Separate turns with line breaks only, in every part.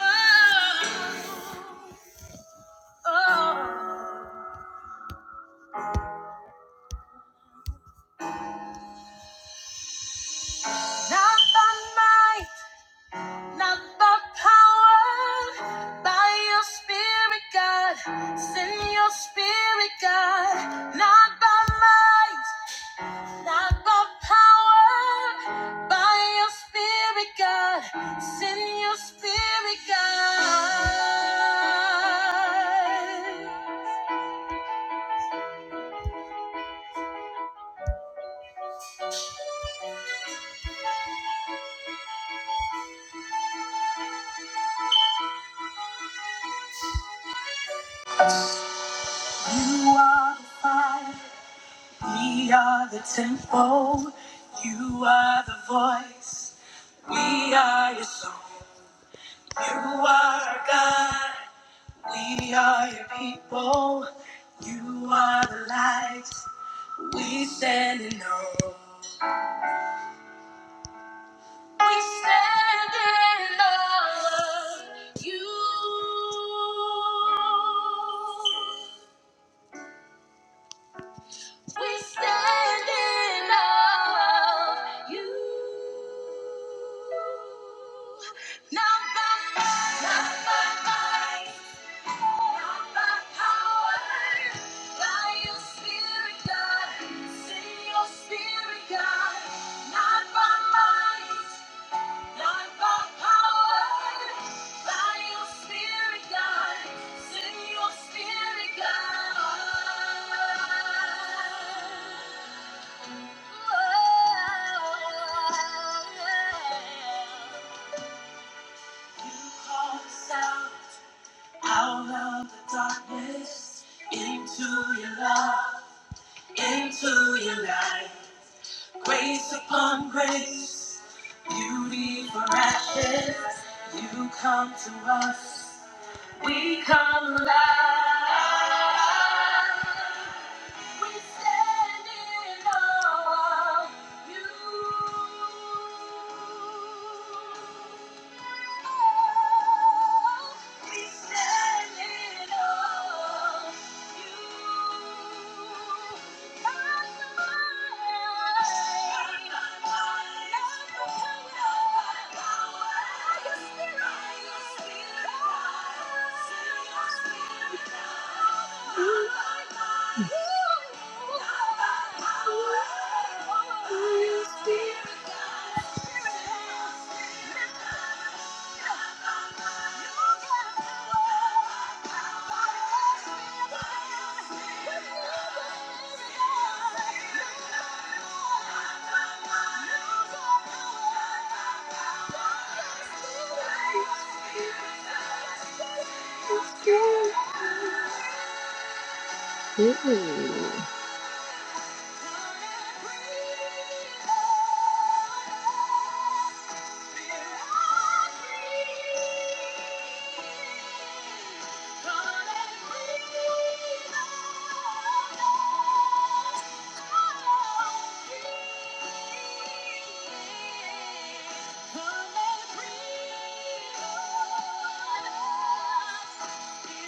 oh, oh. Not by might, not by power, by your spirit, God. Send your spirit, God. Not by might, not by power, by your spirit, God. Send your spirit, God. You are the fire. We are the temple, you are the voice. We are your song, you are our God. We are your people, you are the light. We stand in awe. We stand in awe of you. We stand in awe of you. Not by might, not by might, not by power, by your Spirit, God. Send your Spirit, God. Not by might. Out of the darkness, into your love, into your light. Grace upon grace, beauty for ashes, you come to us. We come alive. We stand in awe of you. Ooh. Ooh. Come and breathe on us. Thank you.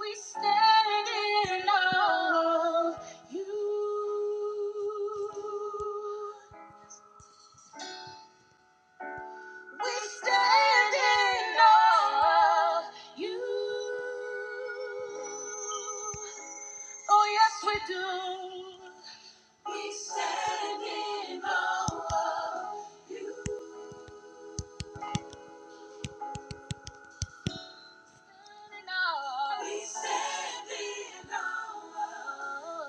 We stand in awe of you. We stand in awe of you. Oh, yes, we do. We stand in awe We stand in awe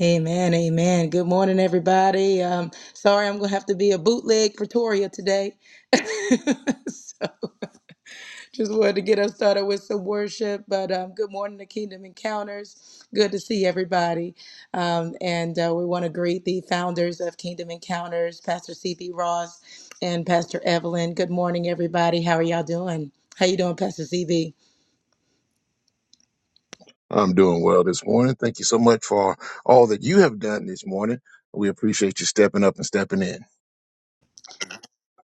Amen, amen. Good morning, everybody. Um, sorry, I'm gonna have to be a bootleg Pretoria today. so. Just wanted to get us started with some worship, but um, good morning to Kingdom Encounters. Good to see everybody. Um, and uh, we want to greet the founders of Kingdom Encounters, Pastor CB Ross and Pastor Evelyn. Good morning, everybody. How are y'all doing? How you doing, Pastor CB?
I'm doing well this morning. Thank you so much for all that you have done this morning. We appreciate you stepping up and stepping in.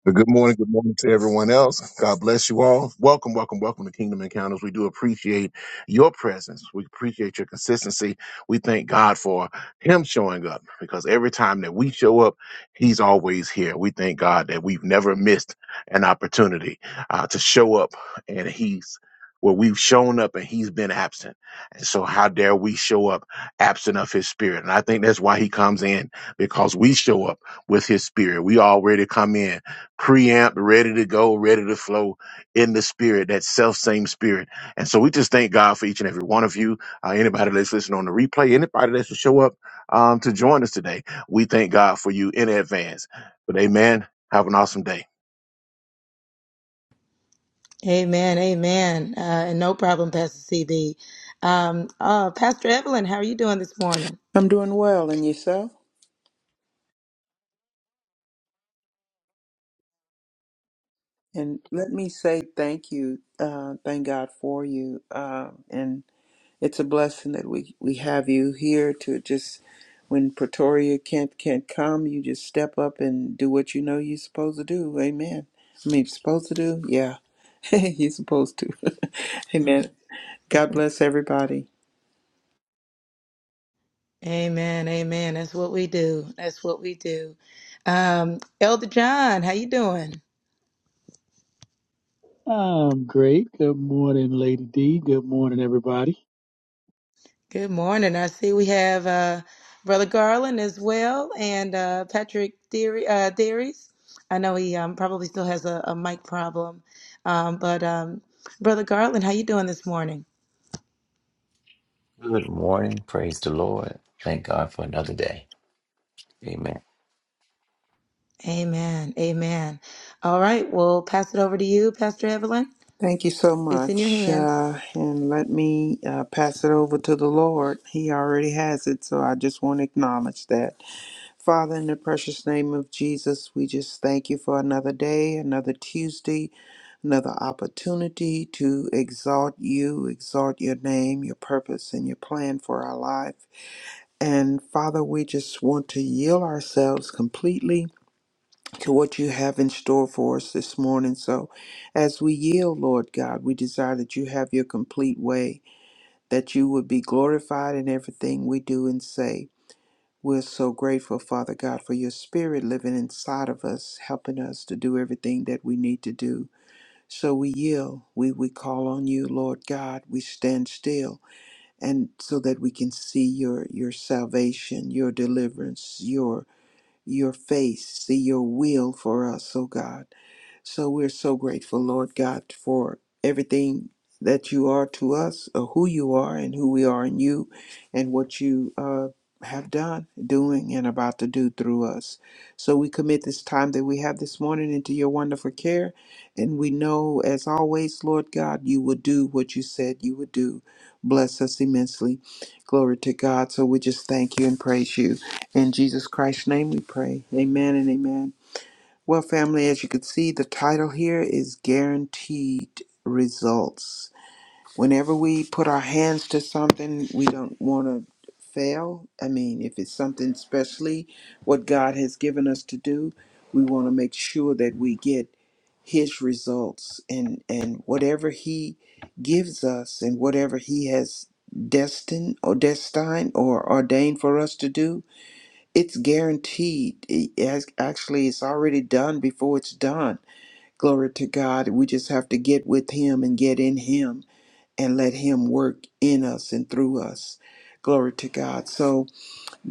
But good morning, good morning to everyone else. God bless you all. Welcome, welcome, welcome to Kingdom Encounters. We do appreciate your presence. We appreciate your consistency. We thank God for Him showing up because every time that we show up, He's always here. We thank God that we've never missed an opportunity uh, to show up and He's where we've shown up and he's been absent. And so how dare we show up absent of his spirit? And I think that's why he comes in because we show up with his spirit. We already come in preamp, ready to go, ready to flow in the spirit, that self same spirit. And so we just thank God for each and every one of you. Uh, anybody that's listening on the replay, anybody that's to show up um, to join us today, we thank God for you in advance. But amen. Have an awesome day.
Amen, amen. Uh, and no problem, Pastor CB. Um, uh, Pastor Evelyn, how are you doing this morning?
I'm doing well, and yourself? And let me say thank you, uh, thank God for you, uh, and it's a blessing that we we have you here to just when Pretoria can't can't come, you just step up and do what you know you're supposed to do. Amen. I mean, supposed to do? Yeah, you're supposed to. Amen. God bless everybody.
Amen, amen. That's what we do. That's what we do. Um, Elder John, how you doing?
I'm great. Good morning, Lady D. Good morning, everybody.
Good morning. I see we have uh, Brother Garland as well and uh, Patrick Deary, uh, Dearies. I know he um, probably still has a, a mic problem, um, but um, Brother Garland, how you doing this morning?
Good morning. Praise the Lord. Thank God for another day. Amen.
Amen. Amen. All right, we'll pass it over to you, Pastor Evelyn.
Thank you so
It's in your
much.
hands.
Uh, and let me uh, pass it over to the Lord. He already has it, so I just want to acknowledge that. Father, in the precious name of Jesus, we just thank you for another day, another Tuesday, another opportunity to exalt you, exalt your name, your purpose, and your plan for our life. And Father, we just want to yield ourselves completely to what you have in store for us this morning. So, as we yield, Lord God, we desire that you have your complete way, that you would be glorified in everything we do and say. We're so grateful, Father God, for your spirit living inside of us, helping us to do everything that we need to do. So we yield. We, we call on you, Lord God. We stand still and so that we can see your your salvation, your deliverance, Your your face, see your will for us, oh God. So we're so grateful, Lord God, for everything that you are to us, or who you are, and who we are in you, and what you uh, have done, doing, and about to do through us. So we commit this time that we have this morning into your wonderful care. And we know, as always, Lord God, you will do what you said you would do. Bless us immensely. Glory to God. So we just thank you and praise you. In Jesus Christ's name we pray. Amen and amen. Well, family, as you can see, the title here is Guaranteed Results. Whenever we put our hands to something, we don't want to fail. I mean, if it's something especially what God has given us to do, we want to make sure that we get his results and and whatever he gives us and whatever he has destined or destined or ordained for us to do it's guaranteed. It- as- actually, it's already done before it's done. Glory to God. We just have to get with Him and get in Him and let Him work in us and through us. Glory to God. So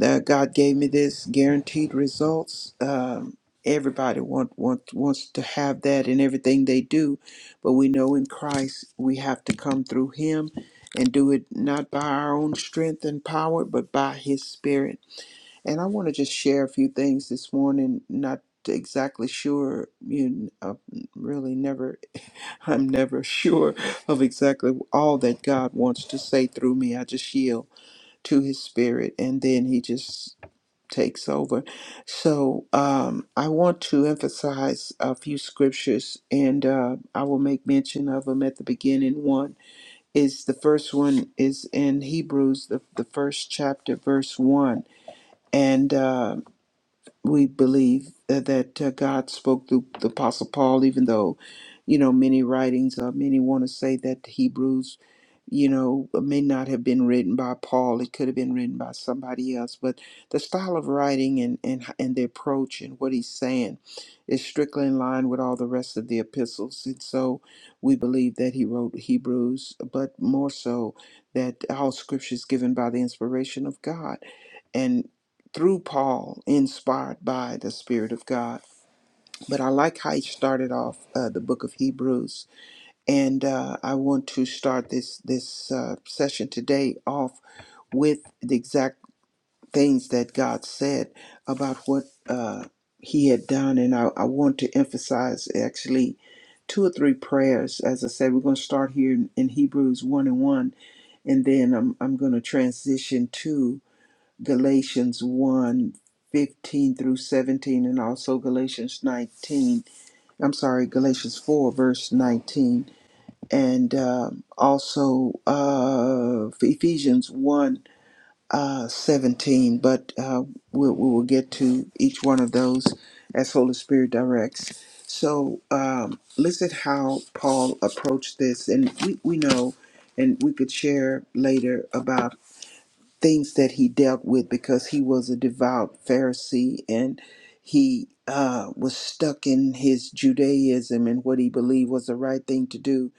uh, God gave me this guaranteed results. Um, everybody want, want, wants to have that in everything they do, but we know in Christ we have to come through Him and do it not by our own strength and power, but by His Spirit. And I want to just share a few things this morning. Not exactly sure, you uh, really never, I'm never sure of exactly all that God wants to say through me. I just yield to His Spirit and then He just takes over. So um, I want to emphasize a few scriptures and uh, I will make mention of them at the beginning. One is the first one is in Hebrews, the, the first chapter, verse 1. And uh, we believe that, that uh, God spoke through the Apostle Paul, even though, you know, many writings, uh, many want to say that Hebrews, you know, may not have been written by Paul. It could have been written by somebody else. But the style of writing and, and, and the approach and what he's saying is strictly in line with all the rest of the epistles. And so we believe that he wrote Hebrews, but more so that all scripture is given by the inspiration of God and through Paul, inspired by the Spirit of God. But I like how he started off uh, the book of Hebrews, and uh, I want to start this this uh, session today off with the exact things that God said about what uh, He had done, and I, I want to emphasize actually two or three prayers. As I said, we're going to start here in Hebrews one and one, and then I'm I'm going to transition to. Galatians one 15 through 17, and also Galatians 19. I'm sorry, Galatians 4, verse 19, and um also uh, Ephesians 1 uh, 17. But uh, we'll, we will get to each one of those as Holy Spirit directs. So, um, listen how Paul approached this, and we, we know, and we could share later about things that he dealt with because he was a devout Pharisee and he uh, was stuck in his Judaism and what he believed was the right thing to do.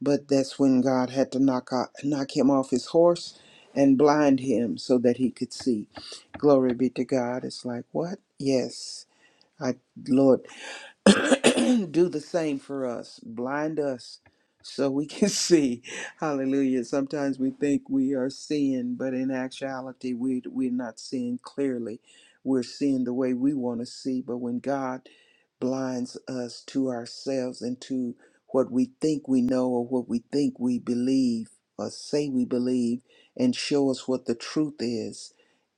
But that's when God had to knock out, knock him off his horse and blind him so that he could see. Glory be to God. It's like what? Yes, I Lord. do the same for us, blind us so we can see. Hallelujah. Sometimes we think we are seeing, but in actuality, we, we're not seeing clearly. We're seeing the way we want to see, but when God blinds us to ourselves and to what we think we know or what we think we believe or say we believe and show us what the truth is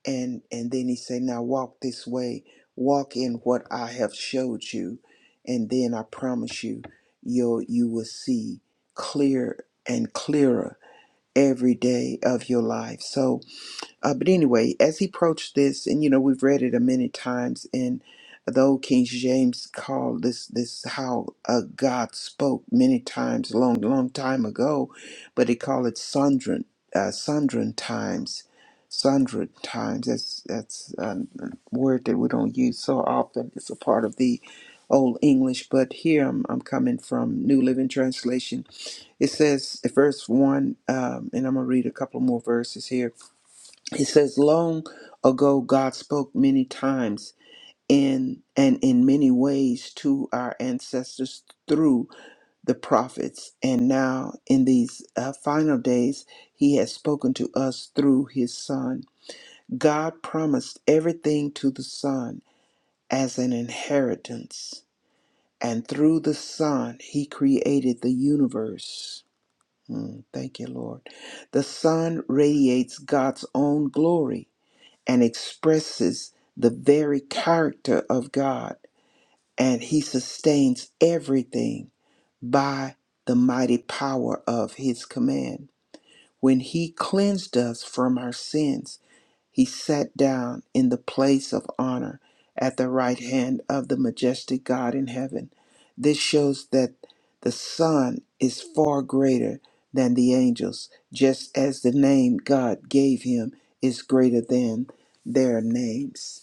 and and then he say now walk this way walk in what i have showed you and then I promise you, you will you will see clear and clearer every day of your life. So uh, but anyway, as he approached this, and you know we've read it a many times, and the old King James called this this how uh, God spoke many times, long long time ago, but he called it sundren uh, sundren times, sundren times. That's that's a word that we don't use so often. It's a part of the Old English, but here I'm, I'm coming from New Living Translation. It says, verse 1, um, and I'm going to read a couple more verses here he says, Long ago, God spoke many times in and in many ways to our ancestors through the prophets. And now, in these uh, final days, He has spoken to us through His Son. God promised everything to the Son as an inheritance. And through the Son, He created the universe. Mm, thank you, Lord. The Son radiates God's own glory and expresses the very character of God. And he sustains everything by the mighty power of his command. When he cleansed us from our sins, he sat down in the place of honor at the right hand of the majestic God in heaven. This shows that the Son is far greater than the angels, just as the name God gave him is greater than their names.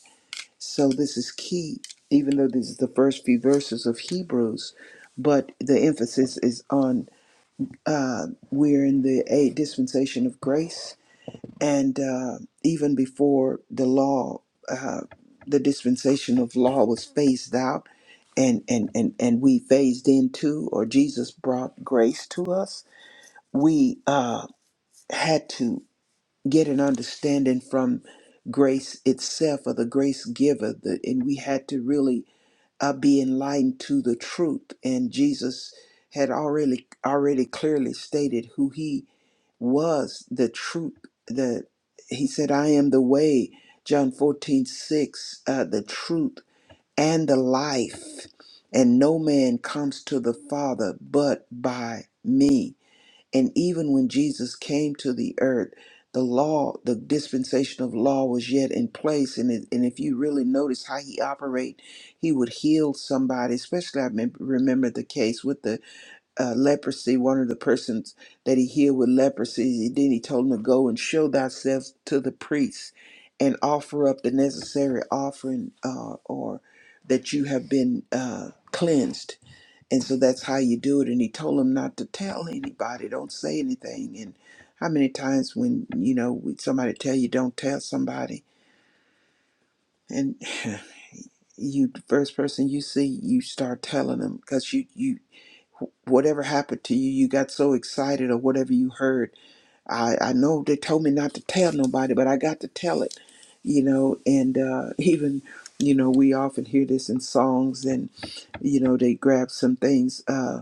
So, this is key, even though this is the first few verses of Hebrews, but the emphasis is on uh, we're in the a dispensation of grace and uh, even before the law, uh, the dispensation of law was phased out, and and and and we phased into, or Jesus brought grace to us. We uh, had to get an understanding from grace itself, or the grace giver, the, and we had to really uh, be enlightened to the truth. And Jesus had already already clearly stated who he was the truth that he said, I am the way, John 14 6, uh, the truth and the life. And no man comes to the Father but by me. And even when Jesus came to the earth, the law, the dispensation of law was yet in place. And, it, and if you really notice how he operated, he would heal somebody, especially I mem- remember the case with the uh, leprosy, one of the persons that he healed with leprosy. Then he told him to go and show thyself to the priest and offer up the necessary offering uh, or that you have been uh, cleansed. And so that's how you do it. And he told him not to tell anybody, don't say anything. And how many times when, you know, when somebody tell you don't tell somebody and you, the first person you see, you start telling them because you, you, whatever happened to you, you got so excited or whatever you heard. I, I know they told me not to tell nobody, but I got to tell it, you know, and uh, even, you know, we often hear this in songs and, you know, they grab some things. Uh,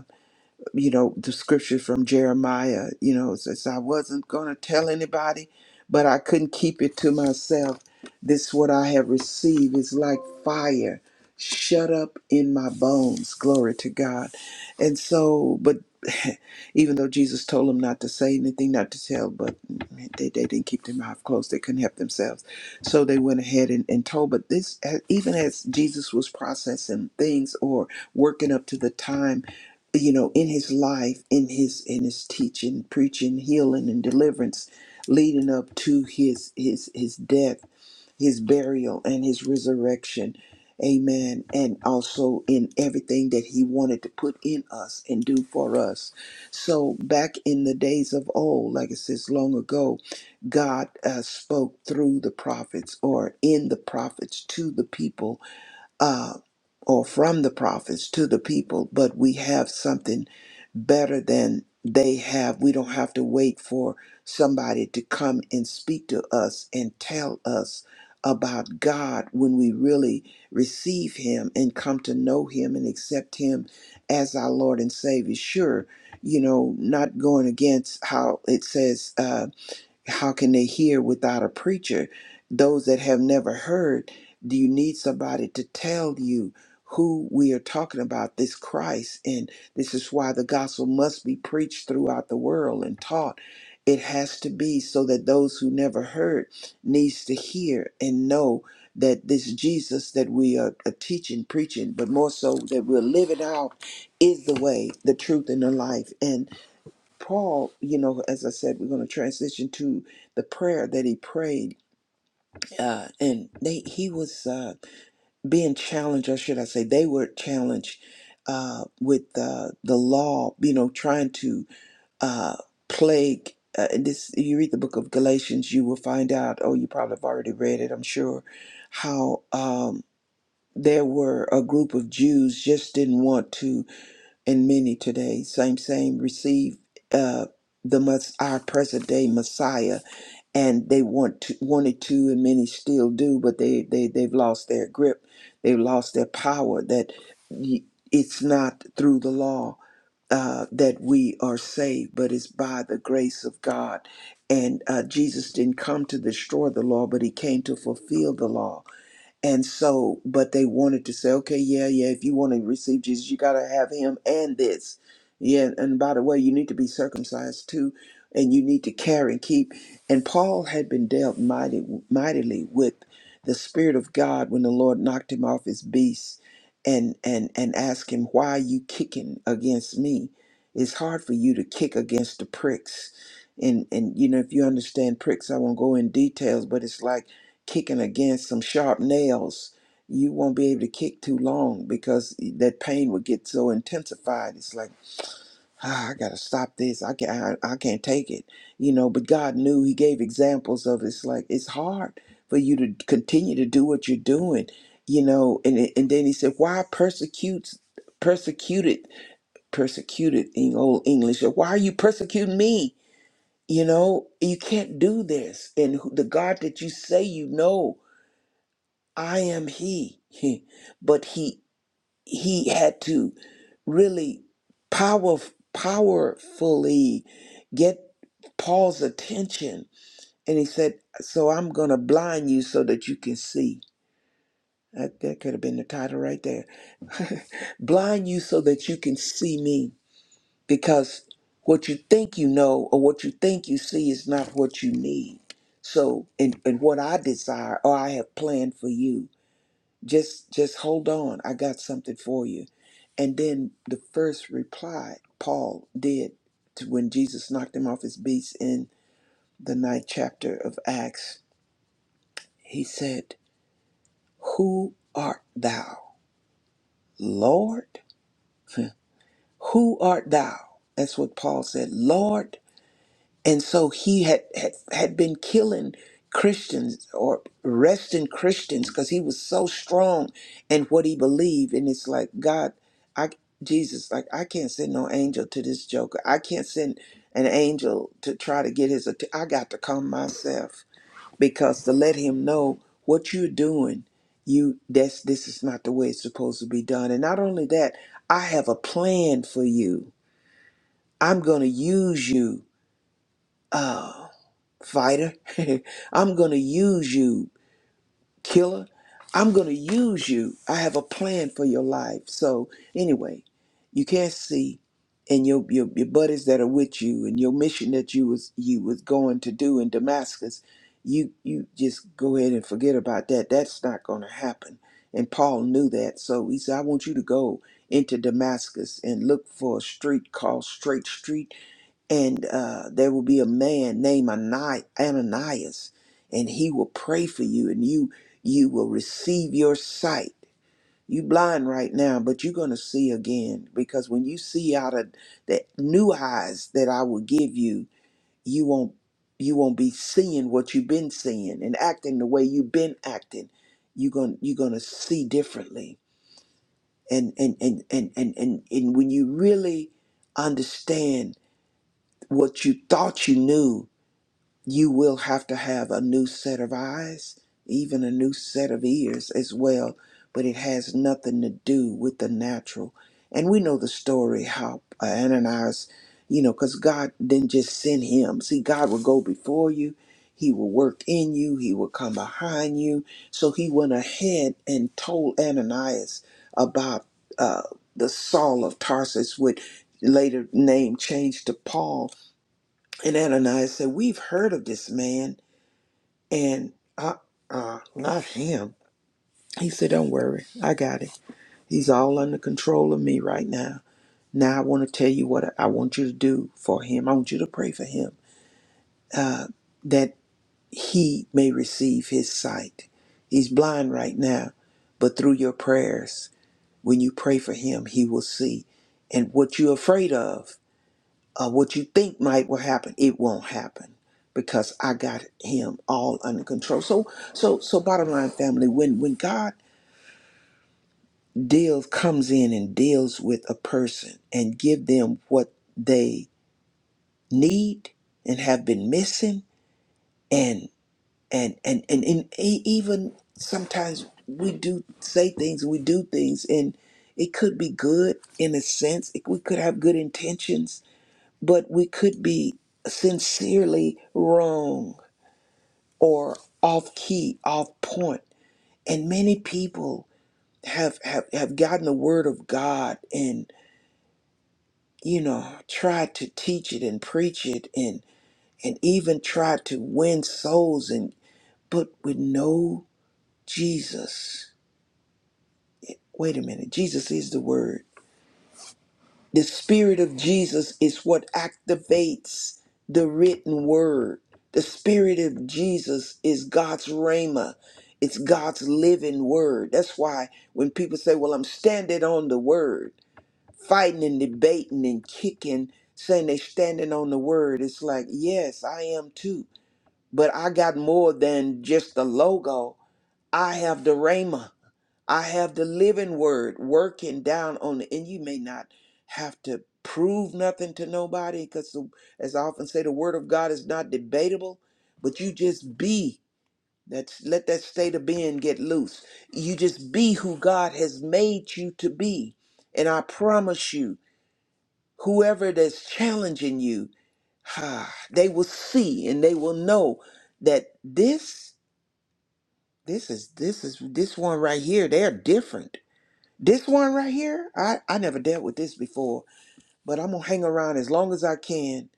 you know the scripture from jeremiah you know it says i wasn't going to tell anybody but i couldn't keep it to myself this what i have received is like fire shut up in my bones glory to god and so but even though jesus told them not to say anything not to tell but they, they didn't keep their mouth closed they couldn't help themselves so they went ahead and, and told but this even as jesus was processing things or working up to the time you know in his life in his in his teaching preaching healing and deliverance leading up to his his his death his burial and his resurrection amen and also in everything that he wanted to put in us and do for us so back in the days of old like it says long ago god uh, spoke through the prophets or in the prophets to the people uh, or from the prophets to the people, but we have something better than they have. We don't have to wait for somebody to come and speak to us and tell us about God when we really receive Him and come to know Him and accept Him as our Lord and Savior. Sure, you know, not going against how it says. Uh, how can they hear without a preacher those that have never heard do you need somebody to tell you who we are talking about this christ and this is why the gospel must be preached throughout the world and taught it has to be so that those who never heard needs to hear and know that this jesus that we are, are teaching preaching but more so that we're living out is the way the truth and the life And Paul, you know, as I said, we're going to transition to the prayer that he prayed, uh, and they he was uh, being challenged, or should I say, they were challenged uh, with uh, the law, you know, trying to uh, plague. Uh, and this you read the book of Galatians, you will find out. Oh, you probably have already read it, I'm sure. How um, there were a group of Jews just didn't want to and many today. Same, same, receive uh, the mess- our present day Messiah, and they want to, wanted to, and many still do, but they they they've lost their grip, they've lost their power. That y- it's not through the law uh, that we are saved, but it's by the grace of God. And uh, Jesus didn't come to destroy the law, but he came to fulfill the law. And so, but they wanted to say, okay, yeah, yeah, if you want to receive Jesus, you got to have him and this. Yeah, and by the way, you need to be circumcised too, and you need to care and keep. And Paul had been dealt mighty, mightily with the Spirit of God when the Lord knocked him off his beast and, and, and asked him, why are you kicking against me? It's hard for you to kick against the pricks. And, and you know, if you understand pricks, I won't go in details, but it's like, kicking against some sharp nails, you won't be able to kick too long because that pain will get so intensified. It's like, ah, I gotta stop this. I can't, I, I can't take it, you know. But God knew. He gave examples of it's like it's hard for you to continue to do what you're doing, you know. And it- and then He said, why persecutes persecuted persecuted in old English? Why are you persecuting me? You know, you can't do this. And who- the God that you say you know I am he. But he he had to really power powerfully get Paul's attention. And he said, So I'm gonna blind you so that you can see. That, that could have been the title right there. blind you so that you can see me. Because what you think you know or what you think you see is not what you need. So and, and what I desire or I have planned for you. just just hold on i got something for you and then the first reply paul did to when jesus knocked him off his beast in the ninth chapter of acts he said who art thou lord who art thou that's what paul said lord and so he had had, had been killing christians or arresting christians because he was so strong in what he believed and it's like god i jesus like i can't send no angel to this joker i can't send an angel to try to get his att- i got to come myself because to let him know what you're doing you that's this is not the way it's supposed to be done and not only that i have a plan for you i'm going to use you uh, fighter. I'm going to use you, killer. I'm going to use you. I have a plan for your life. So, anyway, you can't see and your, your your buddies that are with you and your mission that you was you was going to do in Damascus, you you just go ahead and forget about that. That's not going to happen. And Paul knew that. So he said, I want you to go into Damascus and look for a street called Straight Street and uh, there will be a man named Ani- Ananias, and he will pray for you, and you you will receive your sight. You blind right now, but you're gonna see again because when you see out of the new eyes that I will give you, you won't you won't be seeing what you've been seeing and acting the way you've been acting. You're gonna you're gonna see differently. And and and and and and, and when you really understand what you thought you knew you will have to have a new set of eyes, even a new set of ears as well, but it has nothing to do with the natural. And we know the story how uh, Ananias, you know, because God didn't just send him. See, God will go before you, He will work in you, He will come behind you. So He went ahead and told Ananias about uh, the Saul of Tarsus, which later name changed to Paul and Ananias said, We've heard of this man, and uh, uh, not him. He said, Don't worry, I got it. He's all under control of me right now. Now I want to tell you what I want you to do for him. I want you to pray for him that he may receive his sight. He's blind right now, but through your prayers, when you pray for him, he will see. And what you're afraid of, uh, what you think might will happen, it won't happen because I got him all under control. So, so, so, bottom line, family, when when God deals comes in and deals with a person and give them what they need and have been missing, and and and and, and e- even sometimes we do say things, we do things, and it could be good in a sense. It, we could have good intentions, but we could be sincerely wrong or off key, off point. And many people have, have, have gotten the word of God and, you know, tried to teach it and preach it and, and even tried to win souls and, but with no Jesus. Wait a minute. Jesus is the word. The Spirit of Jesus is what activates the written word. The Spirit of Jesus is God's rhema. It's God's living word. That's why when people say, Well, I'm standing on the word, fighting and debating and kicking, saying they're standing on the word, it's like, Yes, I am too. But I got more than just the logo, I have the rhema. I have the living word working down on it, and you may not have to prove nothing to nobody because, as I often say, the word of God is not debatable, but you just be. That's let that state of being get loose. You just be who God has made you to be. And I promise you, whoever that's challenging you, ah, they will see and they will know that this, this is this is this one right here, they're different this one right here, I, I never dealt with this before, but I'm gonna hang around as long as I can,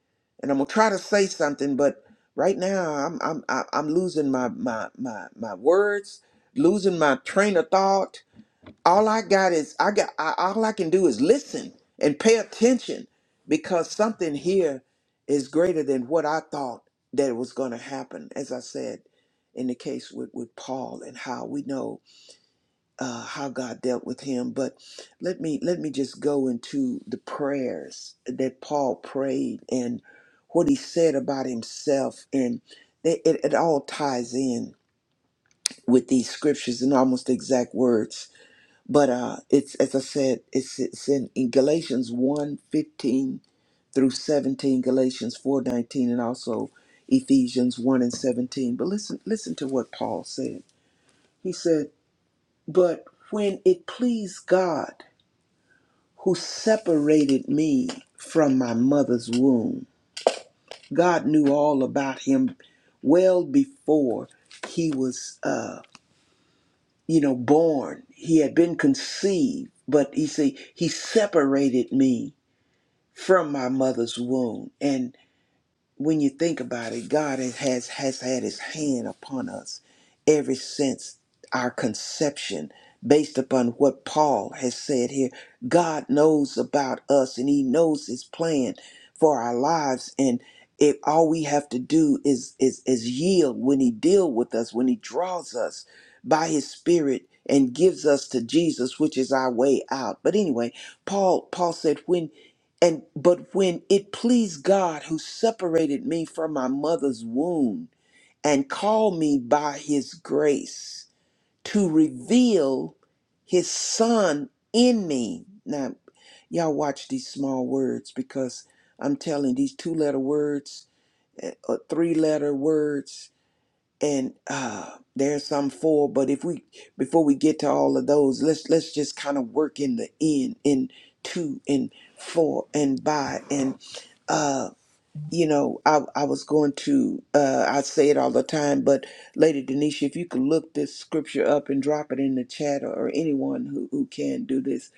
and I'm gonna try to say something. But right now, I'm I'm I- I'm losing my my my my words, losing my train of thought. All I got is I got I, all I can do is listen and pay attention, because something here is greater than what I thought that was gonna happen. As I said, in the case with with Paul and how we know uh, how God dealt with him. But let me let me just go into the prayers that Paul prayed and what he said about himself, and it, it, it all ties in with these scriptures in almost exact words. But uh, it's as I said, it's, it's in, in Galatians one 15 through 17, Galatians 4 19, and also Ephesians 1 and 17. But listen, listen to what Paul said. He said, But when it pleased God who separated me from my mother's womb. God knew all about him well before he was, uh, you know, born. He had been conceived, but you see, he separated me from my mother's womb. And when you think about it, God has has has had His hand upon us ever since our conception, based upon what Paul has said here. God knows about us, and He knows His plan for our lives, and if all we have to do is is is yield when He deal with us, when He draws us by His Spirit and gives us to Jesus, which is our way out. But anyway, Paul Paul said when and but when it pleased God who separated me from my mother's womb and called me by his grace to reveal his son in me. Now y'all watch these small words because I'm telling these two letter words, uh, three letter words and uh there's some four but if we before we get to all of those let's let's just kind of work in the in in two and four and by and uh you know i i was going to uh i say it all the time but lady denisha if you could look this scripture up and drop it in the chat or, or anyone who who can do this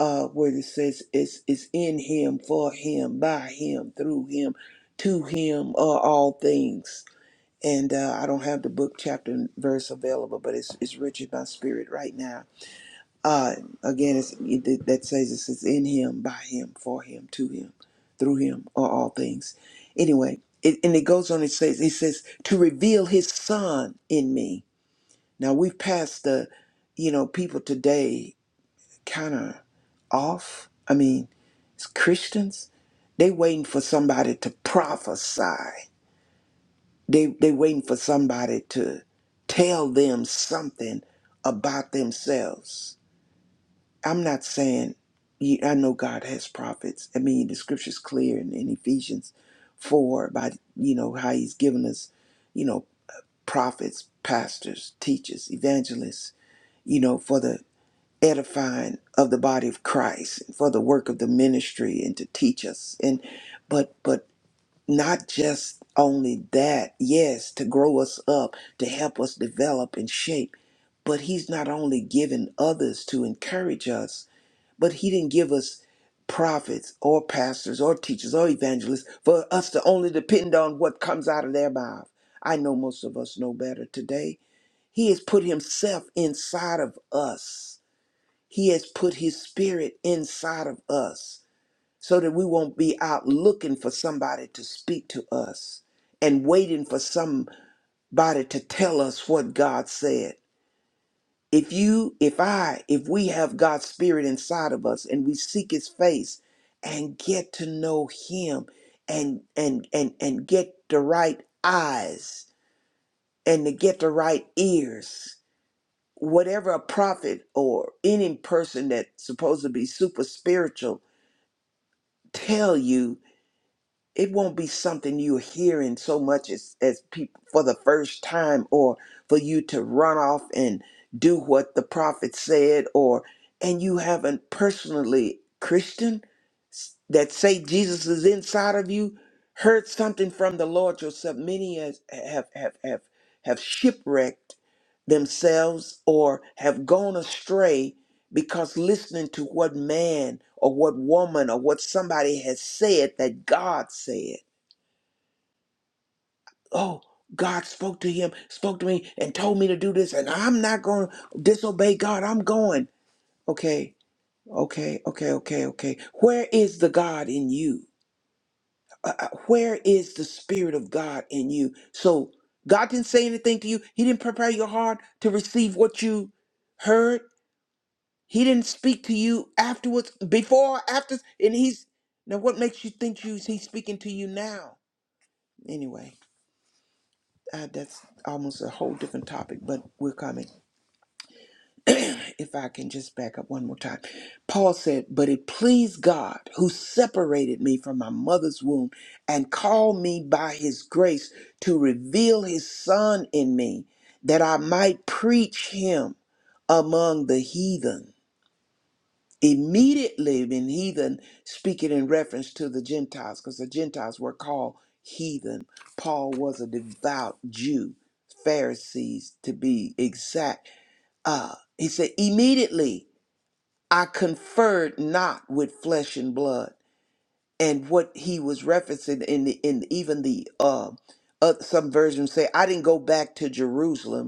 uh where it says it's it's in him for him by him through him to him are all things and uh, I don't have the book chapter and verse available, but it's it's rich in my spirit right now. Uh, again, it's, it, that says it's, it's in Him, by Him, for Him, to Him, through Him, are all things. Anyway, it, and it goes on. It says it says to reveal His Son in me. Now we've passed the, you know, people today kind of off. I mean, it's Christians, they waiting for somebody to prophesy they they waiting for somebody to tell them something about themselves. I'm not saying ye- I know God has prophets. I mean the scripture's clear in, in Ephesians four about you know how he's given us, you know, prophets, pastors, teachers, evangelists, you know, for the edifying of the body of Christ, for the work of the ministry and to teach us. And but but not just only that, yes, to grow us up, to help us develop and shape, but He's not only given others to encourage us, but He didn't give us prophets or pastors or teachers or evangelists for us to only depend on what comes out of their mouth. I know most of us know better today. He has put Himself inside of us, He has put His Spirit inside of us so that we won't be out looking for somebody to speak to us and waiting for somebody to tell us what God said. If you, if I, if we have God's Spirit inside of us and we seek His face and get to know Him and and and and get the right eyes and to get the right ears, whatever a prophet or any person that's supposed to be super spiritual tell you it won't be something you're hearing so much as, as people for the first time or for you to run off and do what the prophet said or and you haven't personally christian s- that say jesus is inside of you heard something from the lord yourself many as have have have have shipwrecked themselves or have gone astray because listening to what man or what woman or what somebody has said that God said. Oh, God spoke to him, spoke to me, and told me to do this, and I'm not going to disobey God. I'm going. Okay, okay, okay, okay, okay. Where is the God in you? Uh, uh, where is the Spirit of God in you? So God didn't say anything to you. He didn't prepare your heart to receive what you heard He didn't speak to you afterwards, before, after, and he's now. What makes you think you, he's speaking to you now? Anyway, uh, that's almost a whole different topic, but we're coming. if I can just back up one more time, Paul said, "But it pleased God who separated me from my mother's womb and called me by His grace to reveal His Son in me, that I might preach Him among the heathen." immediately been heathen, speaking in reference to the Gentiles, because the Gentiles were called heathen. Paul was a devout Jew, Pharisees to be exact. Uh, he said, immediately I conferred not with flesh and blood. And what he was referencing in the, in even the uh, uh, some versions say, I didn't go back to Jerusalem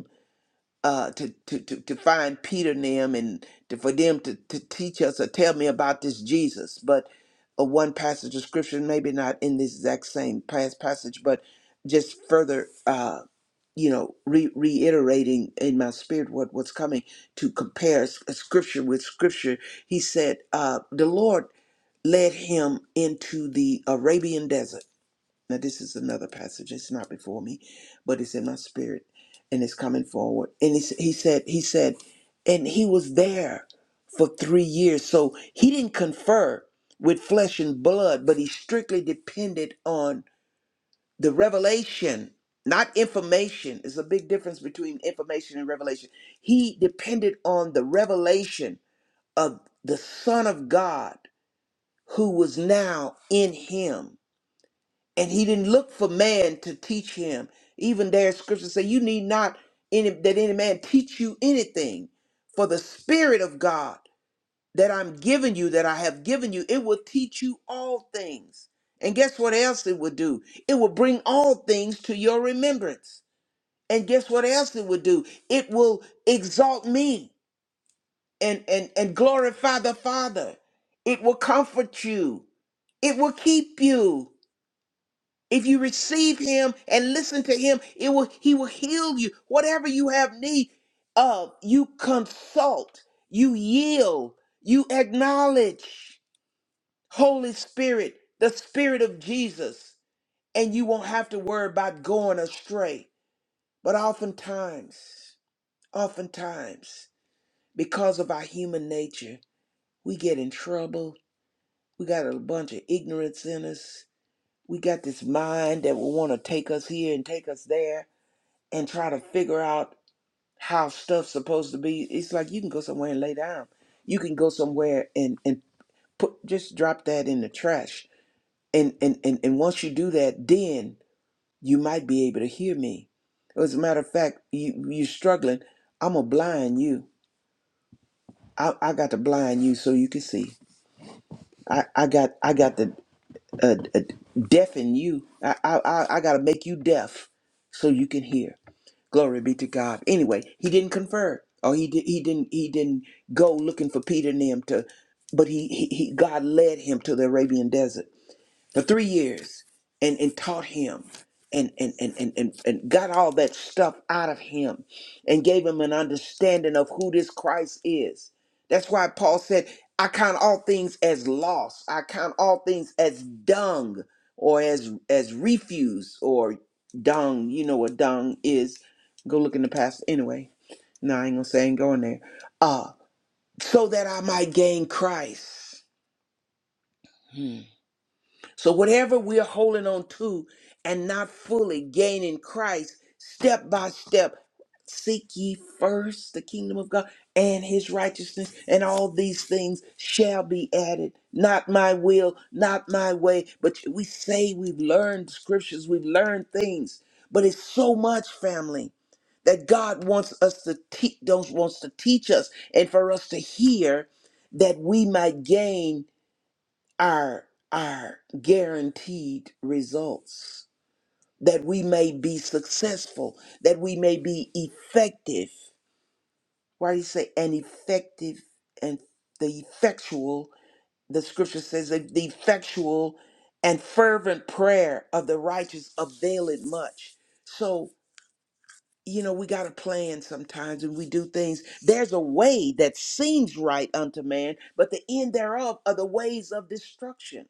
uh, to, to, to, to find Peter and them and to, for them to, to teach us or tell me about this Jesus. But uh, one passage of scripture, maybe not in this exact same past passage, but just further, uh, you know, re- reiterating in my spirit what, what's coming to compare s- uh, scripture with scripture. He said, uh, the Lord led him into the Arabian desert now, this is another passage. It's not before me, but it's in my spirit and it's coming forward. And he, s- he said, he said, and he was there for three years. So he didn't confer with flesh and blood, but he strictly depended on the revelation, not information. There's a big difference between information and revelation. He depended on the revelation of the Son of God who was now in him and he didn't look for man to teach him. Even there, scripture say, "You need not any that any man teach you anything, for the Spirit of God that I'm giving you, that I have given you, it will teach you all things." And guess what else it will do? It will bring all things to your remembrance. And guess what else it will do? It will exalt me and and and glorify the Father. It will comfort you. It will keep you. If you receive him and listen to him, it will he will heal you. Whatever you have need of, you consult, you yield, you acknowledge Holy Spirit, the Spirit of Jesus, and you won't have to worry about going astray. But oftentimes, oftentimes, because of our human nature, we get in trouble. We got a bunch of ignorance in us. We got this mind that will want to take us here and take us there and try to figure out how stuff's supposed to be. It's like you can go somewhere and lay down. You can go somewhere and and put just drop that in the trash. And and and, and once you do that, then you might be able to hear me. As a matter of fact, you you struggling. I'm gonna blind you. I, I got to blind you so you can see. I, I got I got to uh, uh, deafen you. I I I I gotta make you deaf so you can hear Glory be to God. Anyway, he didn't confer, or he did, he didn't he didn't go looking for Peter and them to, but he, he he God led him to the Arabian desert for three years and, and taught him and, and, and, and, and, and got all that stuff out of him and gave him an understanding of who this Christ is. That's why Paul said, I count all things as loss. I count all things as dung or as as refuse or dung. You know what dung is. Go look in the past anyway. No, I ain't gonna say I ain't going there. Uh, so that I might gain Christ. Hmm. So, whatever we're holding on to and not fully gaining Christ, step by step, seek ye first the kingdom of God and his righteousness, and all these things shall be added. Not my will, not my way. But we say we've learned scriptures, we've learned things, but it's so much, family. That God wants us to teach, wants to teach us, and for us to hear, that we might gain our our guaranteed results that we may be successful that we may be effective why do you say an effective and the effectual the scripture says that the effectual and fervent prayer of the righteous availeth much so you know, we got a plan sometimes and we do things. There's a way that seems right unto man, but the end thereof are the ways of destruction.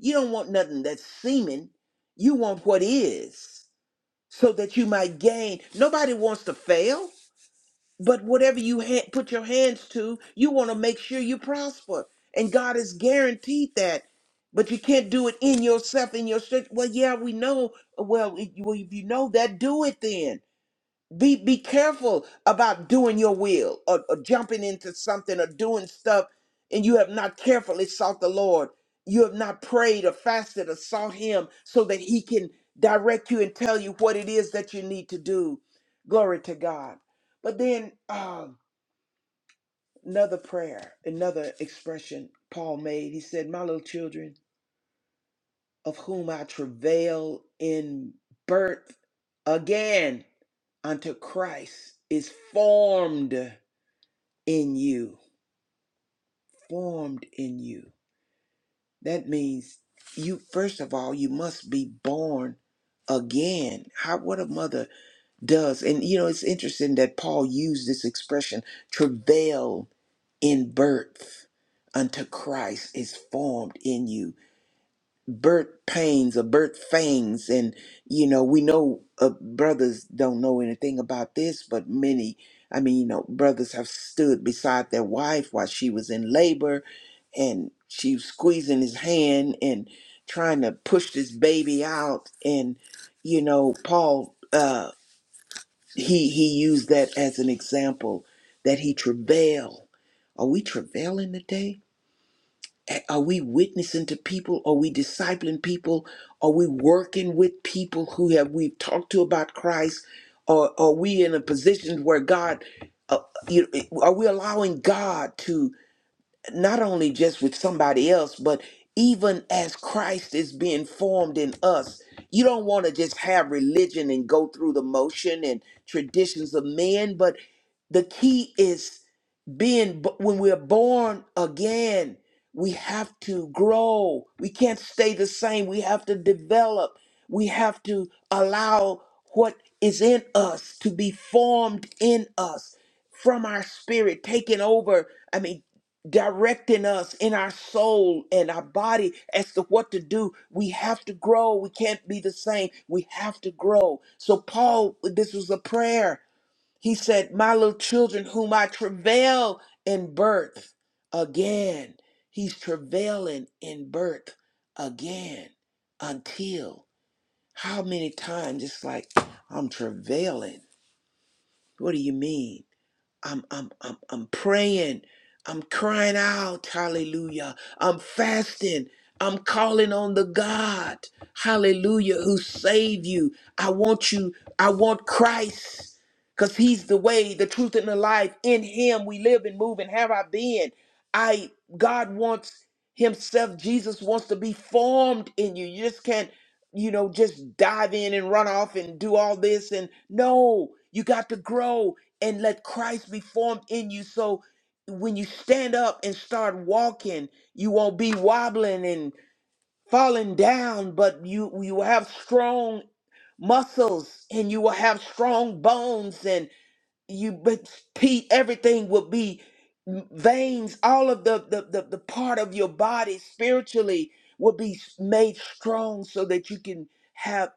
You don't want nothing that's seeming, you want what is, so that you might gain. Nobody wants to fail, but whatever you ha- put your hands to, you want to make sure you prosper. And God has guaranteed that. But you can't do it in yourself, in your strength. Well, yeah, we know. Well, if you well, if you know that, do it then be be careful about doing your will or, or jumping into something or doing stuff and you have not carefully sought the Lord. You have not prayed or fasted or sought him so that he can direct you and tell you what it is that you need to do. Glory to God. But then um, another prayer, another expression Paul made. He said, My little children, of whom I travail in birth again unto Christ is formed. in you, formed in you. That means you first of all you must be born again. How what a mother does. And you know it's interesting that Paul used this expression travail in birth unto Christ is formed in you. birth pains or birth fangs and you know we know uh, brothers don't know anything about this but many i mean you know brothers have stood beside their wife while she was in labor and she was squeezing his hand and trying to push this baby out and you know paul uh he he used that as an example that he travail are we travailing today are we witnessing to people? Are we discipling people? Are we working with people who have we've talked to about Christ? Or are we in a position where God, uh, you, are we allowing God to not only just with somebody else, but even as Christ is being formed in us? You don't want to just have religion and go through the motion and traditions of men, but the key is being when we're born again we have to grow we can't stay the same we have to develop we have to allow what is in us to be formed in us from our spirit taking over i mean directing us in our soul and our body as to what to do we have to grow we can't be the same we have to grow so paul this was a prayer he said, My little children, whom I travail in birth again. He's travailing in birth again until how many times? It's like, I'm travailing. What do you mean? I'm I'm I'm I'm praying. I'm crying out, hallelujah. I'm fasting. I'm calling on the God, hallelujah, who saved you. I want you, I want Christ, because He's the way, the truth, and the life. In Him we live and move and have our being. I God wants Himself, Jesus wants to be formed in you. You just can't, you know, just dive in and run off and do all this. And no, you got to grow and let Christ be formed in you. So when you stand up and start walking, you won't be wobbling and falling down, but you you will have strong muscles and you will have strong bones and you but Pete, everything will be veins, all of the the, the the part of your body spiritually will be made strong so that you can have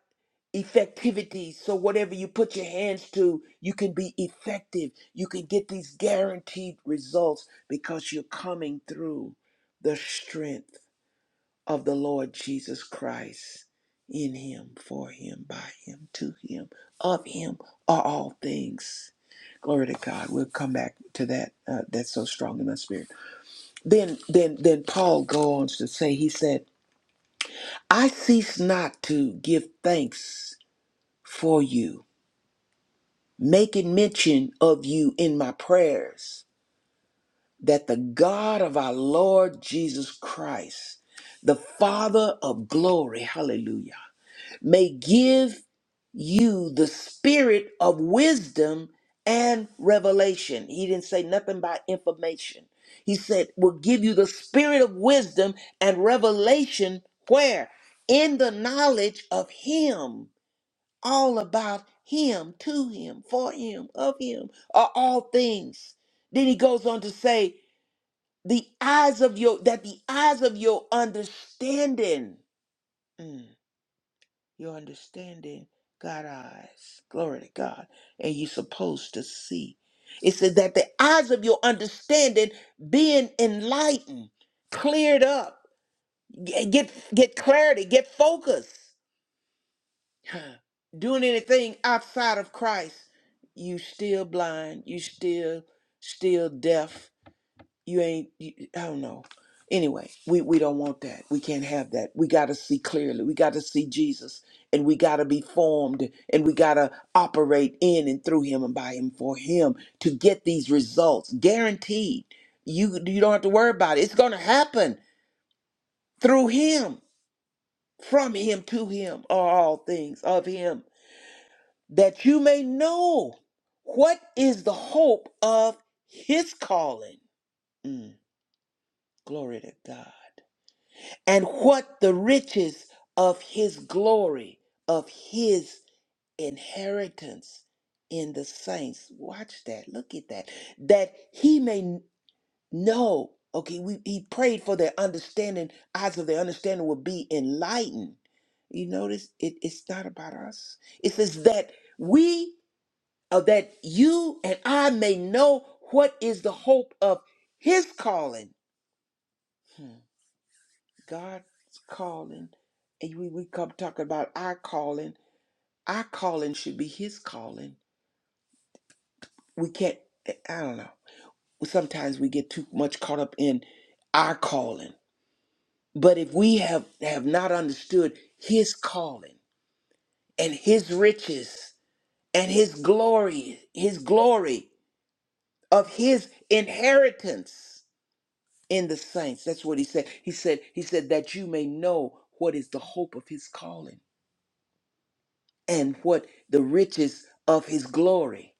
effectivity. So whatever you put your hands to, you can be effective. You can get these guaranteed results because you're coming through the strength of the Lord Jesus Christ. In him, for him, by him, to him, of him are all things. Glory to God. We'll come back to that. Uh, that's so strong in my spirit. Then, then, then Paul goes on to say, he said, "I cease not to give thanks for you, making mention of you in my prayers, that the God of our Lord Jesus Christ, the Father of glory, Hallelujah, may give." you the spirit of wisdom and revelation. He didn't say nothing about information. He said, will give you the spirit of wisdom and revelation where? In the knowledge of Him, all about Him, to Him, for Him, of Him, are all things. Then he goes on to say, the eyes of your, that the eyes of your understanding. mm, your understanding God eyes. Glory to God. And you're supposed to see. It says that the eyes of your understanding being enlightened, cleared up, g- get get clarity, get focus. Huh. Doing anything outside of Christ, you still blind, you still still deaf, you ain't you, i don't know anyway we we don't want that we can't have that we got to see clearly we got to see jesus and we got to be formed and we got to operate in and through him and by him for him to get these results guaranteed you you don't have to worry about it it's going to happen through him from him to him are all things of him that you may know what is the hope of his calling Mm, glory to god and what the riches of his glory, of his inheritance in the saints. Watch that. Look at that. That he may know. Okay, we, he prayed for their understanding, eyes of their understanding will be enlightened. You notice it, it's not about us. It says that we, or that you and I may know what is the hope of his calling God's calling, and we, we come talking about our calling. Our calling should be His calling. We can't, I don't know. Sometimes we get too much caught up in our calling. But if we have, have not understood His calling and His riches and His glory, His glory of His inheritance in the saints, that's what He said. He said, He said, that you may know what is the hope of His calling and what the riches of his glory,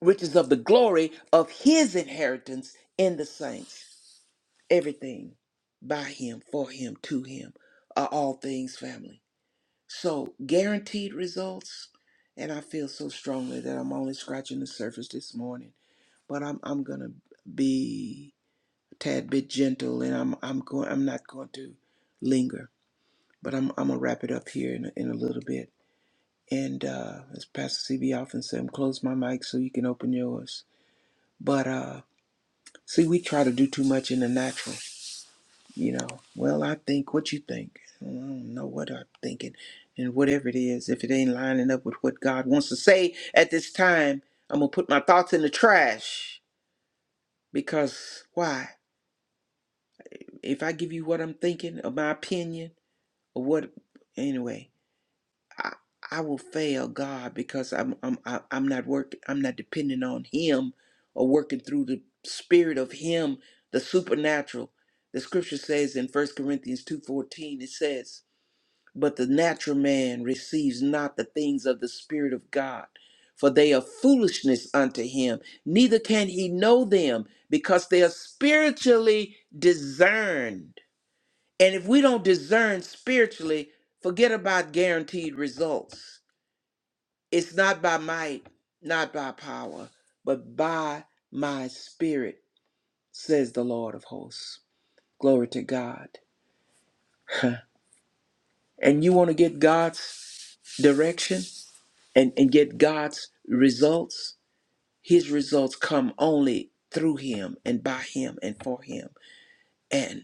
riches of the glory of his inheritance in the saints. Everything by him, for him, to him are all things family. So guaranteed results. And I feel so strongly that I'm only scratching the surface this morning, but I'm I'm gonna be a tad bit gentle, and I'm I'm going I'm not going to linger, but I'm I'm gonna wrap it up here in a, in a little bit. And uh, as Pastor CB often said, I'm close my mic so you can open yours. But uh, see, we try to do too much in the natural, you know. Well, I think what you think. I don't know what I'm thinking. And whatever it is, if it ain't lining up with what God wants to say at this time, I'm going to put my thoughts in the trash. Because why? If I give you what I'm thinking or my opinion or what, anyway, I, I will fail God because I'm I'm I- I'm not working I'm not depending on Him or working through the Spirit of Him, the supernatural. The Scripture says in First Corinthians two fourteen, it says, "But the natural man receives not the things of the Spirit of God, for they are foolishness unto him. Neither can he know them, because they are spiritually discerned. And if we don't discern spiritually, forget about guaranteed results." It's not by might, not by power, but by my spirit, says the Lord of hosts. Glory to God. and you want to get God's direction and, and get God's results? His results come only through Him and by Him and for Him. And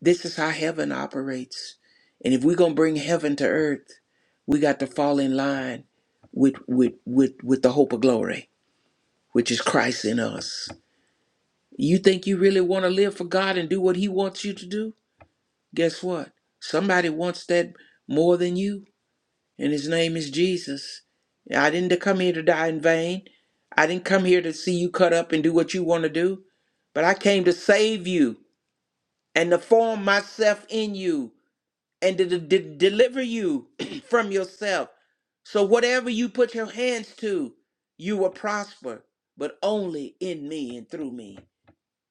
this is how heaven operates. And if we're going to bring heaven to earth, we got to fall in line with, with, with, with the hope of glory, which is Christ in us. You think you really want to live for God and do what He wants you to do? Guess what? Somebody wants that more than you, and His name is Jesus. I didn't come here to die in vain. I didn't come here to see you cut up and do what you want to do, but I came to save you and to form myself in you and to de- de- deliver you from yourself. So, whatever you put your hands to, you will prosper, but only in me and through me,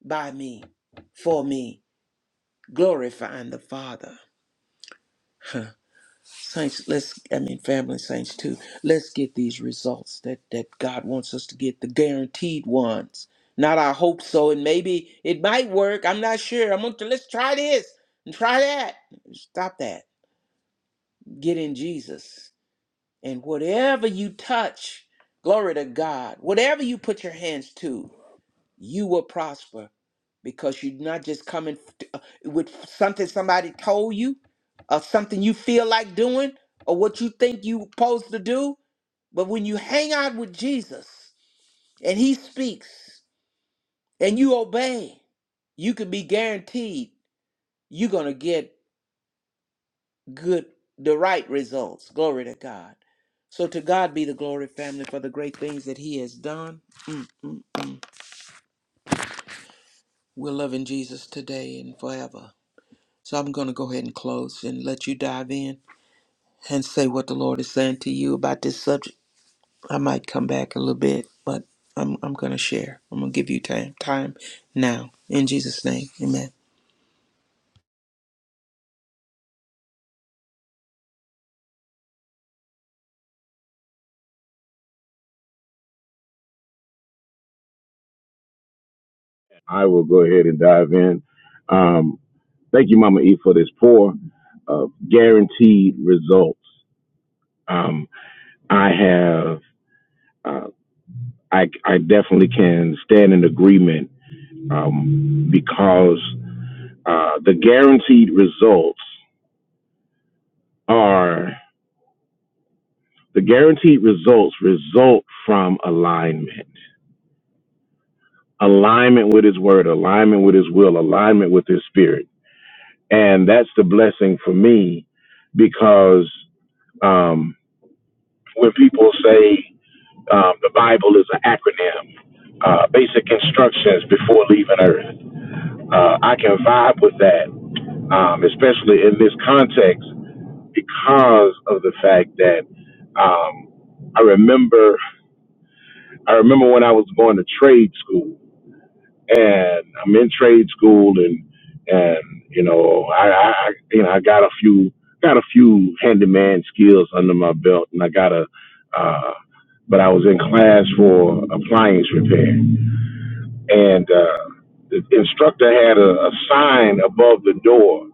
by me, for me. glorifying the Father. Huh. Saints, let's, I mean, family saints too, let's get these results that, that God wants us to get, the guaranteed ones. Not I hope so, and maybe it might work. I'm not sure. I'm going to, let's try this and try that. Stop that. Get in Jesus. And whatever you touch, glory to God, whatever you put your hands to, you will prosper because you're not just coming f- uh, with something somebody told you or something you feel like doing or what you think you are supposed to do but when you hang out with jesus and he speaks and you obey you can be guaranteed you're going to get good the right results glory to god so to god be the glory family for the great things that he has done Mm, mm. we're loving jesus today and forever So I'm going to go ahead and close and let you dive in and say what the Lord is saying to you about this subject. I might come back a little bit, but I'm, I'm going to share. I'm going to give you time, time now. In Jesus' name, amen.
I will go ahead and dive in. Um, thank you, Mama E, for this pour of guaranteed results. Um, I have, uh, I, I definitely can stand in agreement um, because Uh, the guaranteed results are the guaranteed results result from alignment, alignment with His Word, alignment with His will, alignment with His Spirit, and that's the blessing for me because um, when people say um, the Bible is an acronym, uh, basic instructions before leaving Earth, uh, I can vibe with that, um, especially in this context because of the fact that um, I remember I remember when I was going to trade school and I'm in trade school and and you know I, I I- you know I got a few got a few handyman skills under my belt and I got a uh, but I was in class for appliance repair and uh, the instructor had a, a sign above the door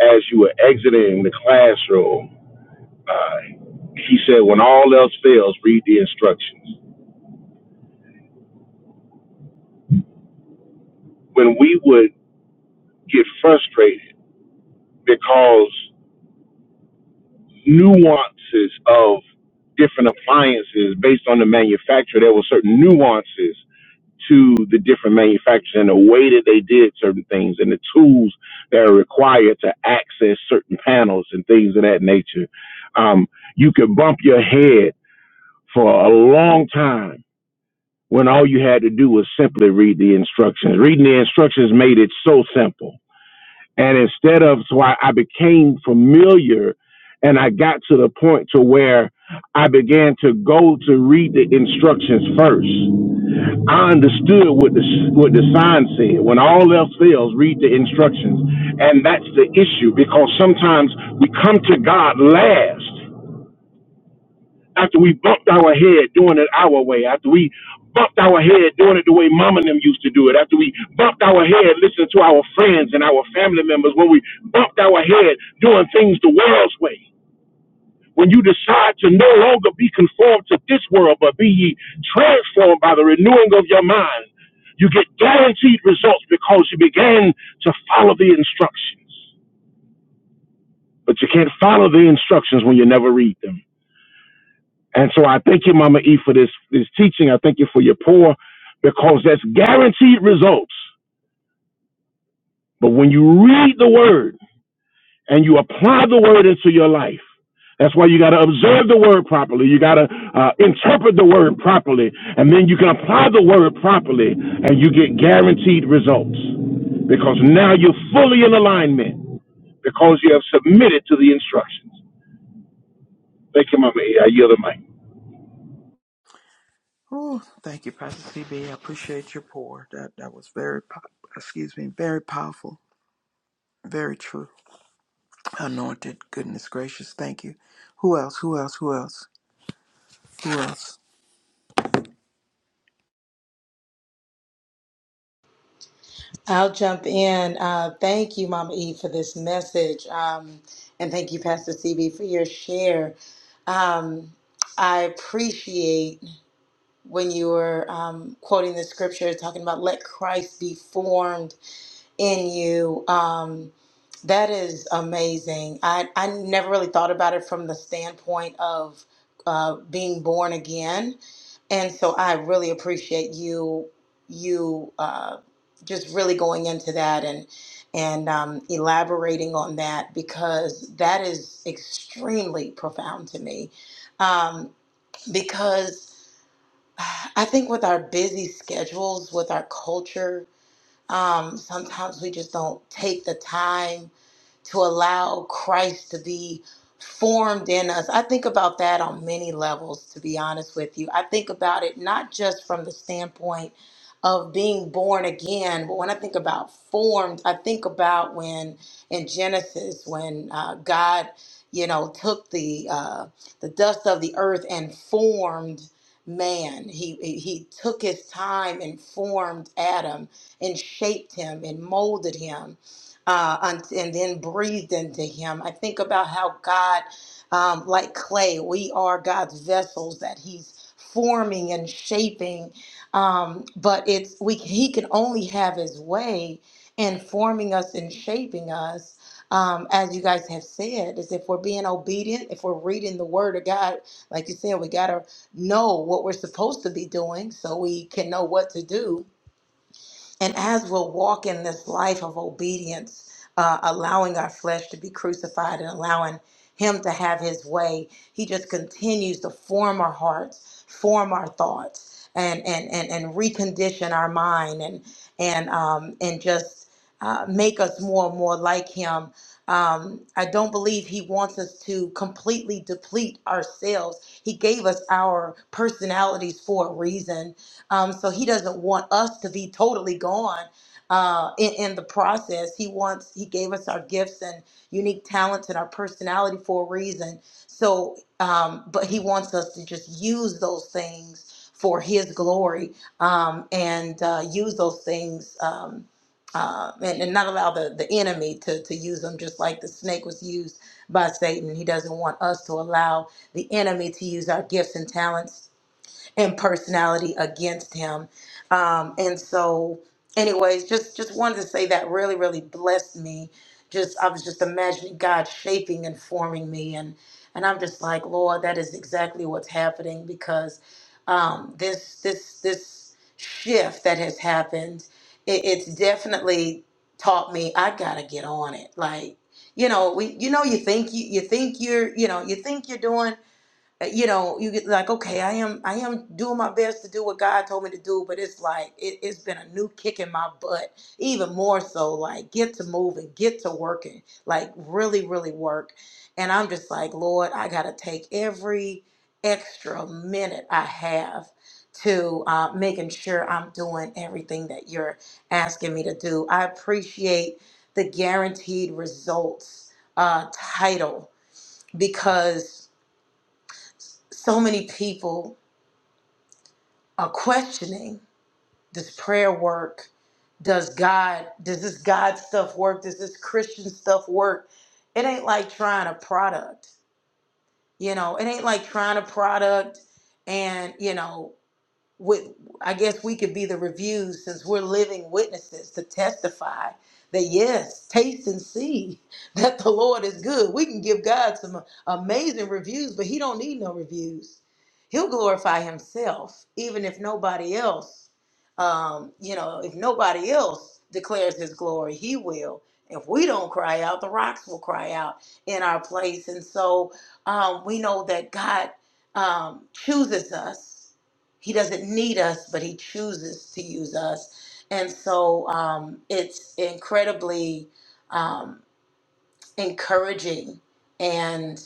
as you were exiting the classroom Uh, he said, when all else fails, read the instructions. When we would get frustrated because nuances of different appliances based on the manufacturer, there were certain nuances to the different manufacturers and the way that they did certain things and the tools that are required to access certain panels and things of that nature. Um, you could bump your head for a long time when all you had to do was simply read the instructions. Reading the instructions made it so simple. And instead of, so I, I became familiar and I got to the point to where I began to go to read the instructions first. I understood what the, what the sign said. When all else fails, read the instructions. And that's the issue because sometimes we come to God last after we bumped our head doing it our way, after we bumped our head doing it the way mom and them used to do it, after we bumped our head listening to our friends and our family members, when we bumped our head doing things the world's way, when you decide to no longer be conformed to this world, but be ye transformed by the renewing of your mind, you get guaranteed results because you began to follow the instructions. But you can't follow the instructions when you never read them. And so I thank you, Mama E, for this this teaching. I thank you for your pour because that's guaranteed results. But when you read the word and you apply the word into your life, that's why you got to observe the word properly. You got to uh, interpret the word properly, and then you can apply the word properly, and you get guaranteed results because now you're fully in alignment because you have submitted to the instructions. Thank you, Mama E. I yield the mic.
Oh, thank you, Pastor CB. I appreciate your pour. That that was very, po- excuse me, very powerful, very true. Anointed, goodness gracious, thank you. Who else? Who else? Who else? Who else?
I'll jump in. Uh, thank you, Mama E, for this message, um, and thank you, Pastor CB, for your share. Um, I appreciate when you were um, quoting the scripture talking about let Christ be formed in you. Um, that is amazing. I, I never really thought about it from the standpoint of uh, being born again. And so I really appreciate you you uh, just really going into that and and um, elaborating on that because that is extremely profound to me um, because I think with our busy schedules, with our culture, um, sometimes we just don't take the time to allow Christ to be formed in us. I think about that on many levels, to be honest with you. I think about it not just from the standpoint of being born again, but when I think about formed, I think about when in Genesis, when uh, God, you know, took the uh, the dust of the earth and formed man. He he took his time and formed Adam and shaped him and molded him uh, and, and then breathed into him. I think about how God, um, like clay, we are God's vessels that He's forming and shaping. Um, but it's we He can only have His way in forming us and shaping us. Um, as you guys have said, is if we're being obedient, if we're reading the Word of God, like you said, we gotta know what we're supposed to be doing so we can know what to do and as we'll walk in this life of obedience, uh, allowing our flesh to be crucified and allowing Him to have His way, He just continues to form our hearts, form our thoughts, and and and, and recondition our mind, and and um, and just uh, make us more and more like Him. Um, I don't believe he wants us to completely deplete ourselves. He gave us our personalities for a reason um, so he doesn't want us to be totally gone uh, in, in the process. He wants, he gave us our gifts and unique talents and our personality for a reason. So, um, but he wants us to just use those things for his glory um, and uh, use those things. Um, uh, and, and not allow the, the enemy to, to use them just like the snake was used by Satan. He doesn't want us to allow the enemy to use our gifts and talents and personality against him. Um, and so, anyways, just just wanted to say that really, really blessed me. Just I was just imagining God shaping and forming me, and and I'm just like, Lord, that is exactly what's happening because um, this this this shift that has happened, it, it's definitely taught me I gotta get on it. Like you know, we you know you think you you think you're you know you think you're doing uh, you know you get like okay i am i am doing my best to do what god told me to do but it's like it, it's been a new kick in my butt even more so like get to moving get to working like really really work and i'm just like lord i gotta take every extra minute i have to uh, making sure i'm doing everything that you're asking me to do i appreciate the guaranteed results uh, title because so many people are questioning this prayer work. Does God, does this God stuff work? Does this Christian stuff work? It ain't like trying a product. You know, it ain't like trying a product and, you know, with I guess we could be the reviews since we're living witnesses to testify that yes, taste and see that the Lord is good. We can give God some amazing reviews, but he don't need no reviews. He'll glorify himself even if nobody else um, you know, if nobody else declares his glory, he will. If we don't cry out, the rocks will cry out in our place. And so um, we know that God um, chooses us he doesn't need us, but he chooses to use us. And so um, it's incredibly um, encouraging and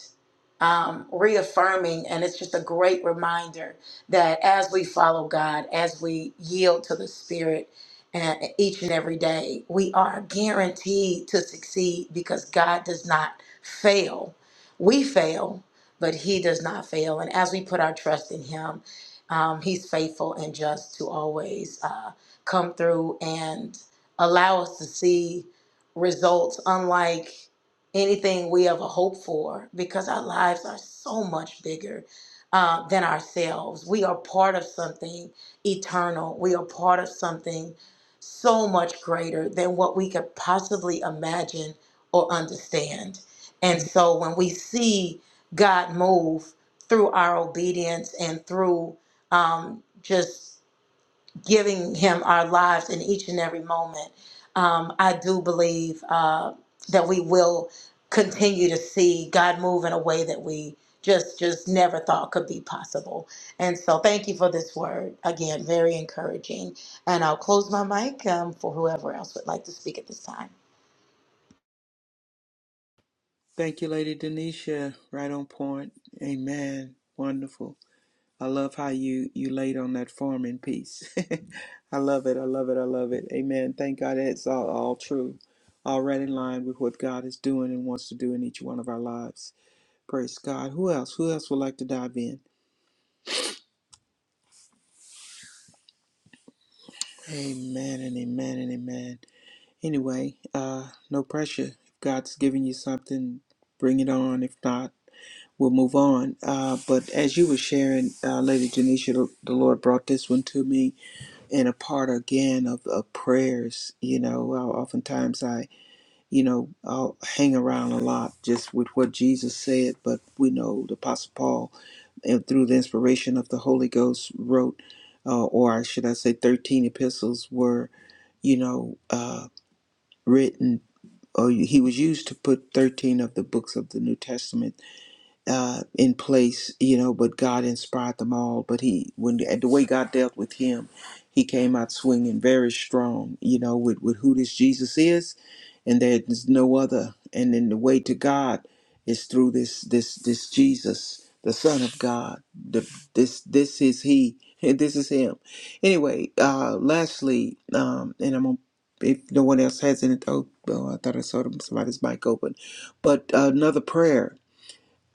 um, reaffirming. And it's just a great reminder that as we follow God, as we yield to the Spirit and each and every day, we are guaranteed to succeed because God does not fail. We fail, but He does not fail. And as we put our trust in Him, um, He's faithful and just to always uh, come through and allow us to see results unlike anything we ever hope for because our lives are so much bigger uh, than ourselves. We are part of something eternal, we are part of something so much greater than what we could possibly imagine or understand. And so when we see God move through our obedience and through um, just giving him our lives in each and every moment, um, I do believe uh, that we will continue to see God move in a way that we just just never thought could be possible. And so, thank you for this word again, very encouraging. And I'll close my mic um, for whoever else would like to speak at this time.
Thank you, Lady Denisha. Right on point. Amen. Wonderful. I love how you you laid on that farming piece. I love it. I love it. I love it. Amen. Thank God it's all, all true. All right in line with what God is doing and wants to do in each one of our lives. Praise God. Who else? Who else would like to dive in? Amen and amen and amen. Anyway, uh, no pressure. If God's giving you something, bring it on. If not, we'll move on. Uh, but as you were sharing, uh, Lady Janisha, the the Lord brought this one to me and a part again of, of prayers. You know, I, oftentimes I, you know, I'll hang around a lot just with what Jesus said, but we know the Apostle Paul, and through the inspiration of the Holy Ghost, wrote, uh, or should I say, 13 epistles were, you know, uh, written, or he was used to put 13 of the books of the New Testament uh, in place, you know, but God inspired them all. But he, when the way God dealt with him, he came out swinging very strong, you know, with, with who this Jesus is, and there's no other. And then the way to God is through this this this Jesus, the Son of God. The, this this is he, this is him. Anyway, uh, lastly, um, and I'm gonna. If no one else has any, oh, oh, I thought I saw somebody's mic open. But another prayer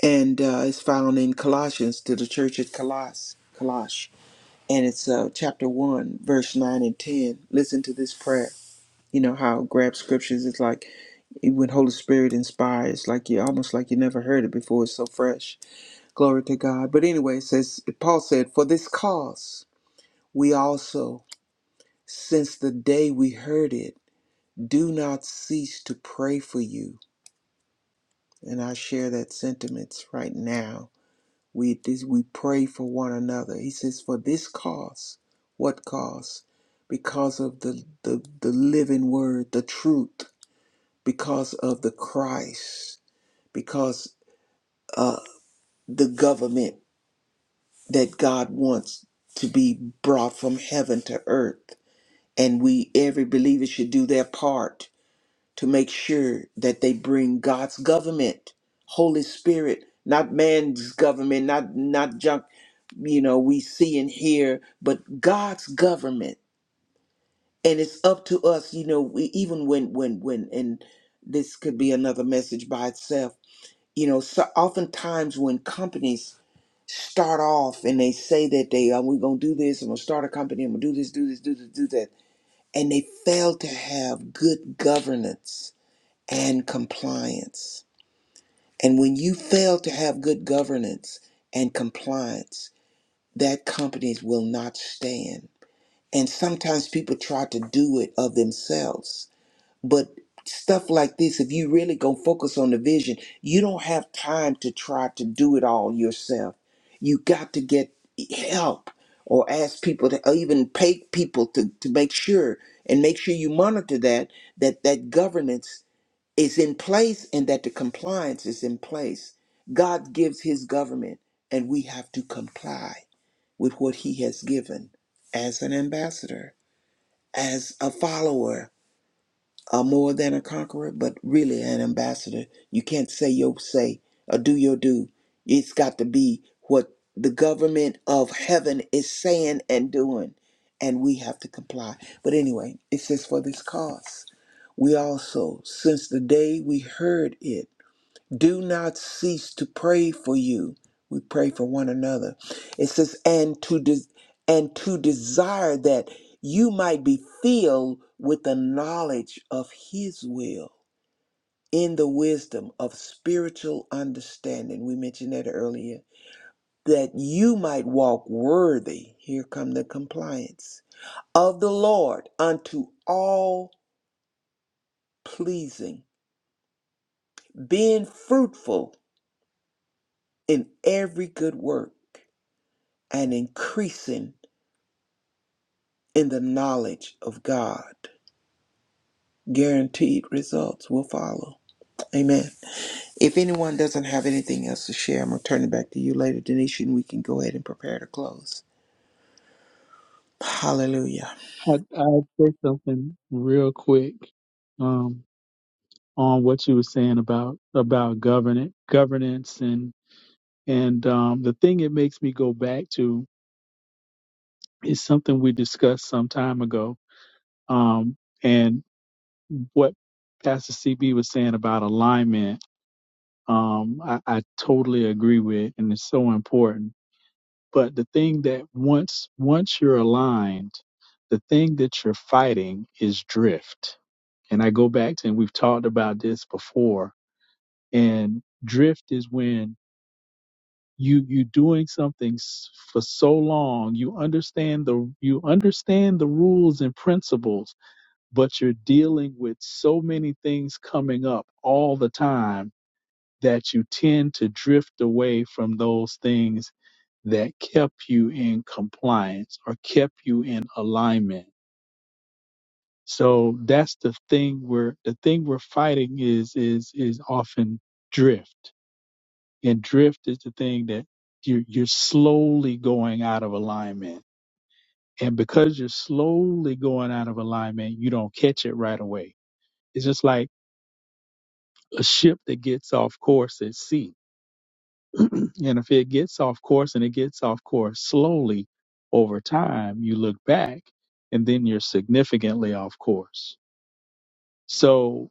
and uh, it's found in Colossians to the church at Coloss, Colosh, and it's uh, chapter one, verse nine and ten. Listen to this prayer. You know how grab scriptures is like when Holy Spirit inspires, like you almost like you never heard it before. It's so fresh. Glory to God. But anyway, it says Paul said, "For this cause we also, since the day we heard it, do not cease to pray for you." And I share that sentiments right now We this we pray for one another. He says, for this cause, what cause? Because of the, the, the living word, the truth, because of the Christ, because uh the government that God wants to be brought from heaven to earth. And we every believer should do their part to make sure that they bring God's government, Holy Spirit, not man's government, not not junk, you know, we see and hear, but God's government. And it's up to us, you know, we, even when when when and this could be another message by itself. You know, so oftentimes when companies start off and they say that they are, we're gonna do this, I'm gonna start a company, I'm gonna do this, do this, do this, do that, and they fail to have good governance and compliance. And when you fail to have good governance and compliance, that companies will not stand. And sometimes people try to do it of themselves. But stuff like this, if you really gonna focus on the vision, you don't have time to try to do it all yourself. You got to get help or ask people to or even pay people to, to make sure and make sure you monitor that that that governance is in place and that the compliance is in place. God gives his government, and we have to comply with what he has given as an ambassador, as a follower, a more than a conqueror, but really an ambassador. You can't say your say or do your do. It's got to be what the government of heaven is saying and doing, and we have to comply. But anyway, it says for this cause. We also, since the day we heard it, do not cease to pray for you. We pray for one another. It says, and to de- and to desire that you might be filled with the knowledge of His will in the wisdom of spiritual understanding. We mentioned that earlier. That you might walk worthy. Here come the compliance of the Lord unto all pleasing, being fruitful in every good work and increasing in the knowledge of God. Guaranteed results will follow. Amen. If anyone doesn't have anything else to share, I'm going to turn it back to you later, Denisha, and we can go ahead and prepare to close. Hallelujah.
I I'll say something real quick um, on what you were saying about about governance, governance, and and um, the thing it makes me go back to is something we discussed some time ago, um, and what Pastor CB was saying about alignment. Um, I, I totally agree with, and it's so important But the thing that once once you're aligned, the thing that you're fighting is drift. And I go back to and we've talked about this before. And drift is when you you doing something s- for so long, you understand the you understand the rules and principles, but you're dealing with so many things coming up all the time that you tend to drift away from those things that kept you in compliance or kept you in alignment. So that's the thing we're the thing we're fighting is is is often drift. And drift is the thing that you you're slowly going out of alignment. And because you're slowly going out of alignment, you don't catch it right away. It's just like a ship that gets off course at sea And if it gets off course and it gets off course slowly over time, you look back and then you're significantly off course. So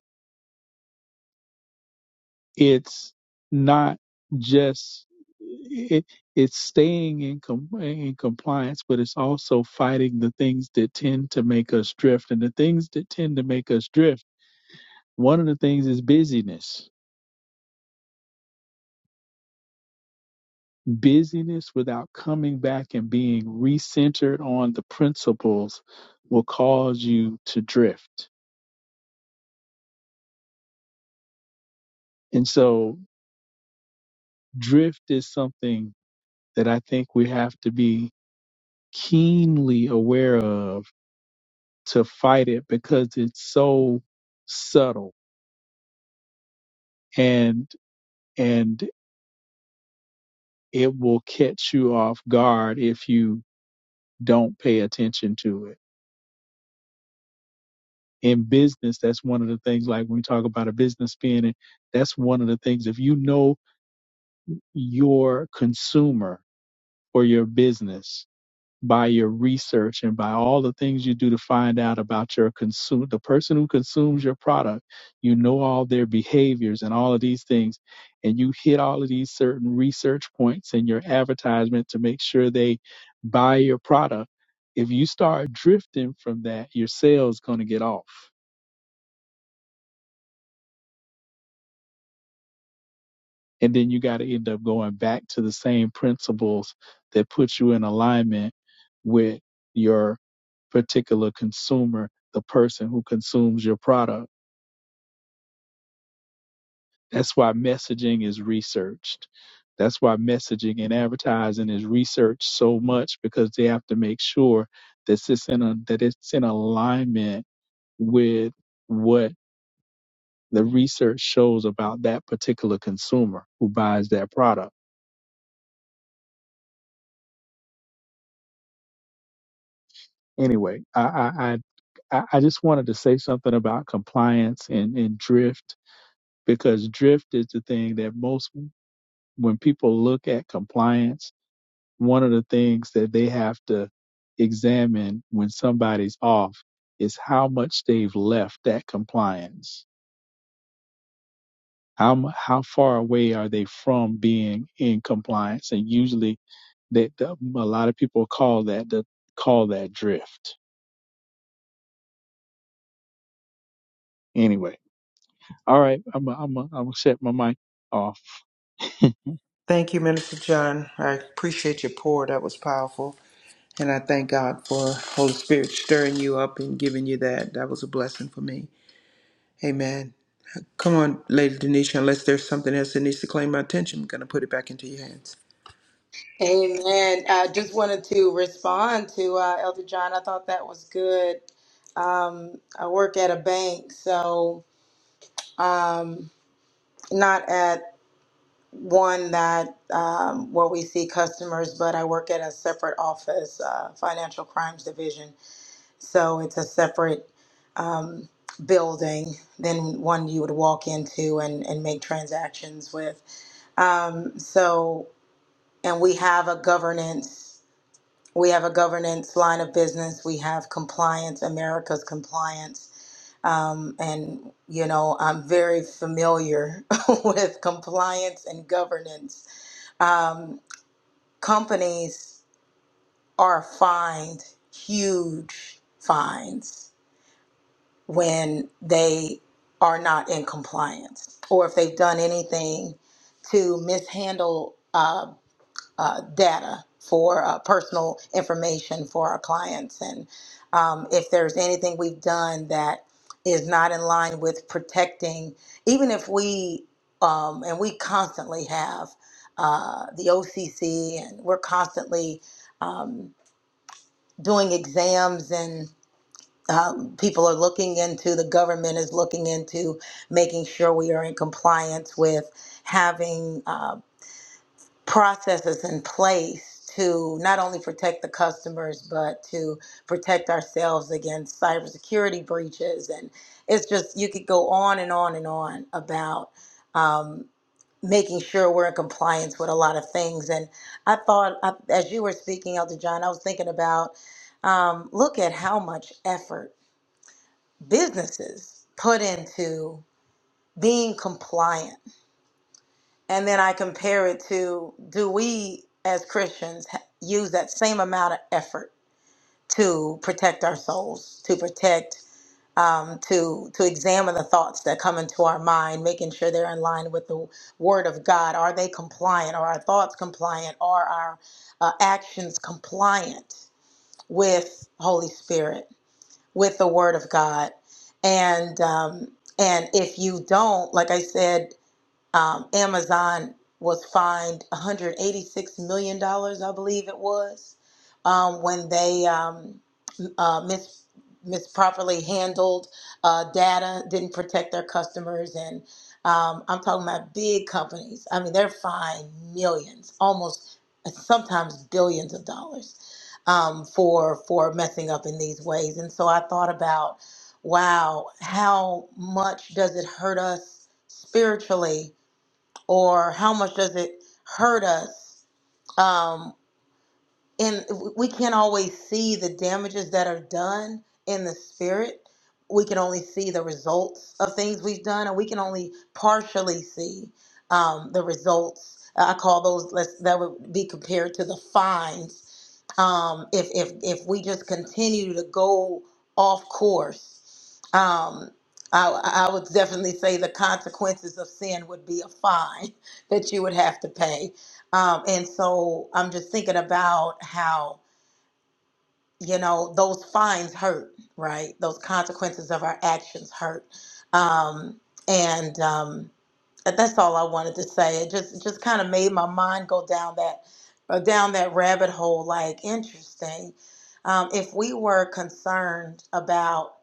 it's not just it, it's staying in, com- in compliance, but it's also fighting the things that tend to make us drift. And the things that tend to make us drift, one of the things is busyness busyness without coming back and being recentered on the principles will cause you to drift. And so, drift is something that I think we have to be keenly aware of to fight it because it's so subtle and and it will catch you off guard if you don't pay attention to it. In business, that's one of the things like when we talk about a business being that's one of the things if you know your consumer or your business by your research and by all the things you do to find out about your consumer, the person who consumes your product, you know all their behaviors and all of these things, and you hit all of these certain research points in your advertisement to make sure they buy your product. If you start drifting from that, your sales going to get off. And then you got to end up going back to the same principles that put you in alignment with your particular consumer, the person who consumes your product. That's why messaging is researched. That's why messaging and advertising is researched so much because they have to make sure that it's in a, that it's in alignment with what the research shows about that particular consumer who buys that product. Anyway, I I I, I just wanted to say something about compliance and and drift because drift is the thing that most when people look at compliance, one of the things that they have to examine when somebody's off is how much they've left that compliance. How mu- how far away are they from being in compliance? And usually, that a lot of people call that the call that drift. Anyway. All right, I'm i I'm i am i am gonna set my mic off.
Thank you, Minister John. I appreciate your pour. That was powerful. And I thank God for Holy Spirit stirring you up and giving you that. That was a blessing for me. Amen. Come on, Lady Denisha, unless there's something else that needs to claim my attention, I'm going to put it back into your hands.
Amen. I just wanted to respond to uh, Elder John. I thought that was good. Um, I work at a bank, so um, not at one that um, where we see customers, but I work at a separate office, uh, financial crimes division. So it's a separate um, building than one you would walk into and, and make transactions with. Um, so, and we have a governance, we have a governance line of business. We have compliance, America's compliance. Um, and, you know, I'm very familiar with compliance and governance. Um, companies are fined huge fines when they are not in compliance or if they've done anything to mishandle uh, uh, data for uh, personal information for our clients. And um, if there's anything we've done that is not in line with protecting, even if we, um, and we constantly have uh, the OCC and we're constantly um, doing exams and um, people are looking into, the government is looking into making sure we are in compliance with having. uh, processes in place to not only protect the customers but to protect ourselves against cybersecurity breaches and it's just you could go on and on and on about um, making sure we're in compliance with a lot of things and i thought I, as you were speaking elder john i was thinking about um, look at how much effort businesses put into being compliant and then I compare it to do we as Christians ha- use that same amount of effort to protect our souls, to protect, um, to to examine the thoughts that come into our mind, making sure they're in line with the Word of God. Are they compliant? Are our thoughts compliant? Are our uh, actions compliant with Holy Spirit, with the Word of God? And um, and if you don't, like I said um, Amazon was fined 186 million dollars, I believe it was, um, when they um, uh, mis misproperly handled uh, data, didn't protect their customers, and um, I'm talking about big companies. I mean, they're fined millions, almost uh, sometimes billions of dollars um, for for messing up in these ways. And so I thought about, wow, how much does it hurt us spiritually? or how much does it hurt us? Um, and we can't always see the damages that are done in the spirit we can only see the results of things we've done and we can only partially see um, the results i call those let's, that would be compared to the fines um, if, if if we just continue to go off course um, I, I would definitely say the consequences of sin would be a fine that you would have to pay um, and so I'm just thinking about how, you know, those fines hurt, right? Those consequences of our actions hurt. Um, and, um, that- that's all I wanted to say. It just it just kind of made my mind go down that uh, down that rabbit hole. Like interesting. Um, if we were concerned about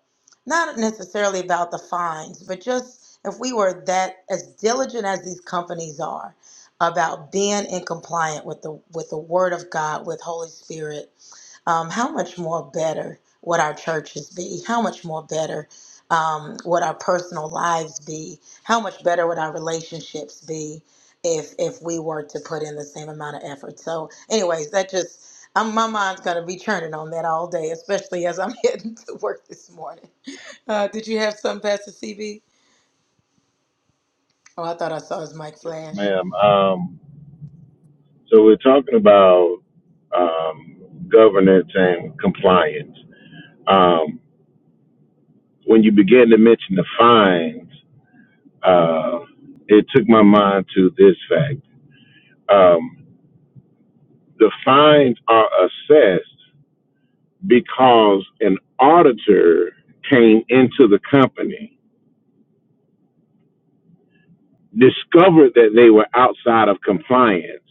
not necessarily about the fines, but just if we were that as diligent as these companies are about being in compliant with the with the Word of God, with Holy Spirit um, how much more better would our churches be? How much more better um, would our personal lives be? How much better would our relationships be if if we were to put in the same amount of effort? So, anyways, that just I'm, my mind's gonna be churning on that all day, especially as I'm heading to work this morning. Uh, did you have some, Pastor CB? Oh, I thought I saw his mic
Yes,
flash.
ma'am. Um, So we're talking about um, governance and compliance. Um, when you began to mention the fines, uh, it took my mind to this fact. Um, the fines are assessed because an auditor came into the company, discovered that they were outside of compliance,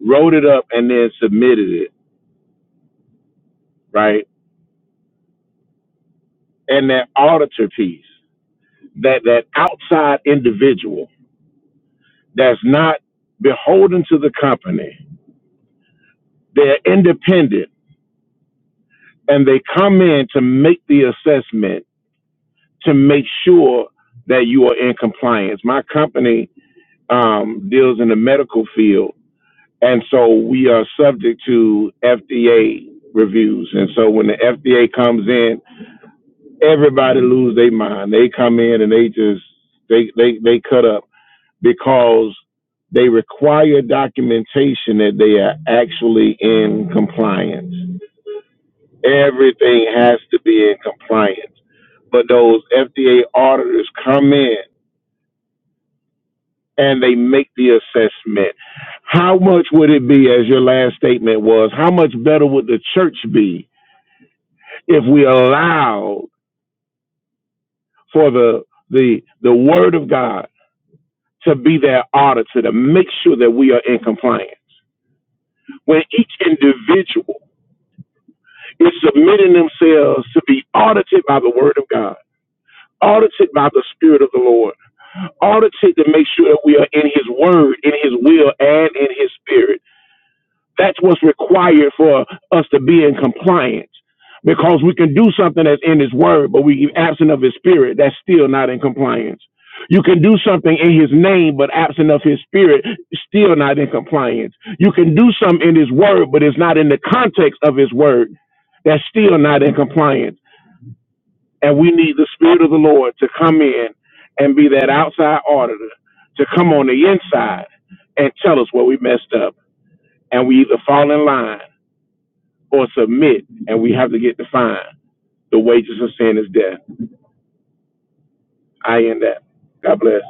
wrote it up, and then submitted it, right? And that auditor piece, that, that outside individual that's not beholden to the company. They're independent and they come in to make the assessment to make sure that you are in compliance. My company um, deals in the medical field, and so we are subject to FDA reviews. And so when the FDA comes in, everybody lose their mind. They come in and they just they they they cut up because they require documentation that they are actually in compliance. Everything has to be in compliance. But those FDA auditors come in and they make the assessment. How much would it be, as your last statement was, how much better would the church be if we allowed for the the the word of God to be their auditor to make sure that we are in compliance? When each individual is submitting themselves to be audited by the word of God, audited by the spirit of the Lord, audited to make sure that we are in his word, in his will, and in his spirit that's what's required for us to be in compliance. Because we can do something that's in his word, but we absent of his spirit, that's still not in compliance. You can do something in his name, but absent of his spirit, still not in compliance. You can do something in his word, but it's not in the context of his word, that's still not in compliance. And we need the spirit of the Lord to come in and be that outside auditor to come on the inside and tell us where we messed up. And we either fall in line or submit, and we have to get the fine. The wages of sin is death. I end that. God bless.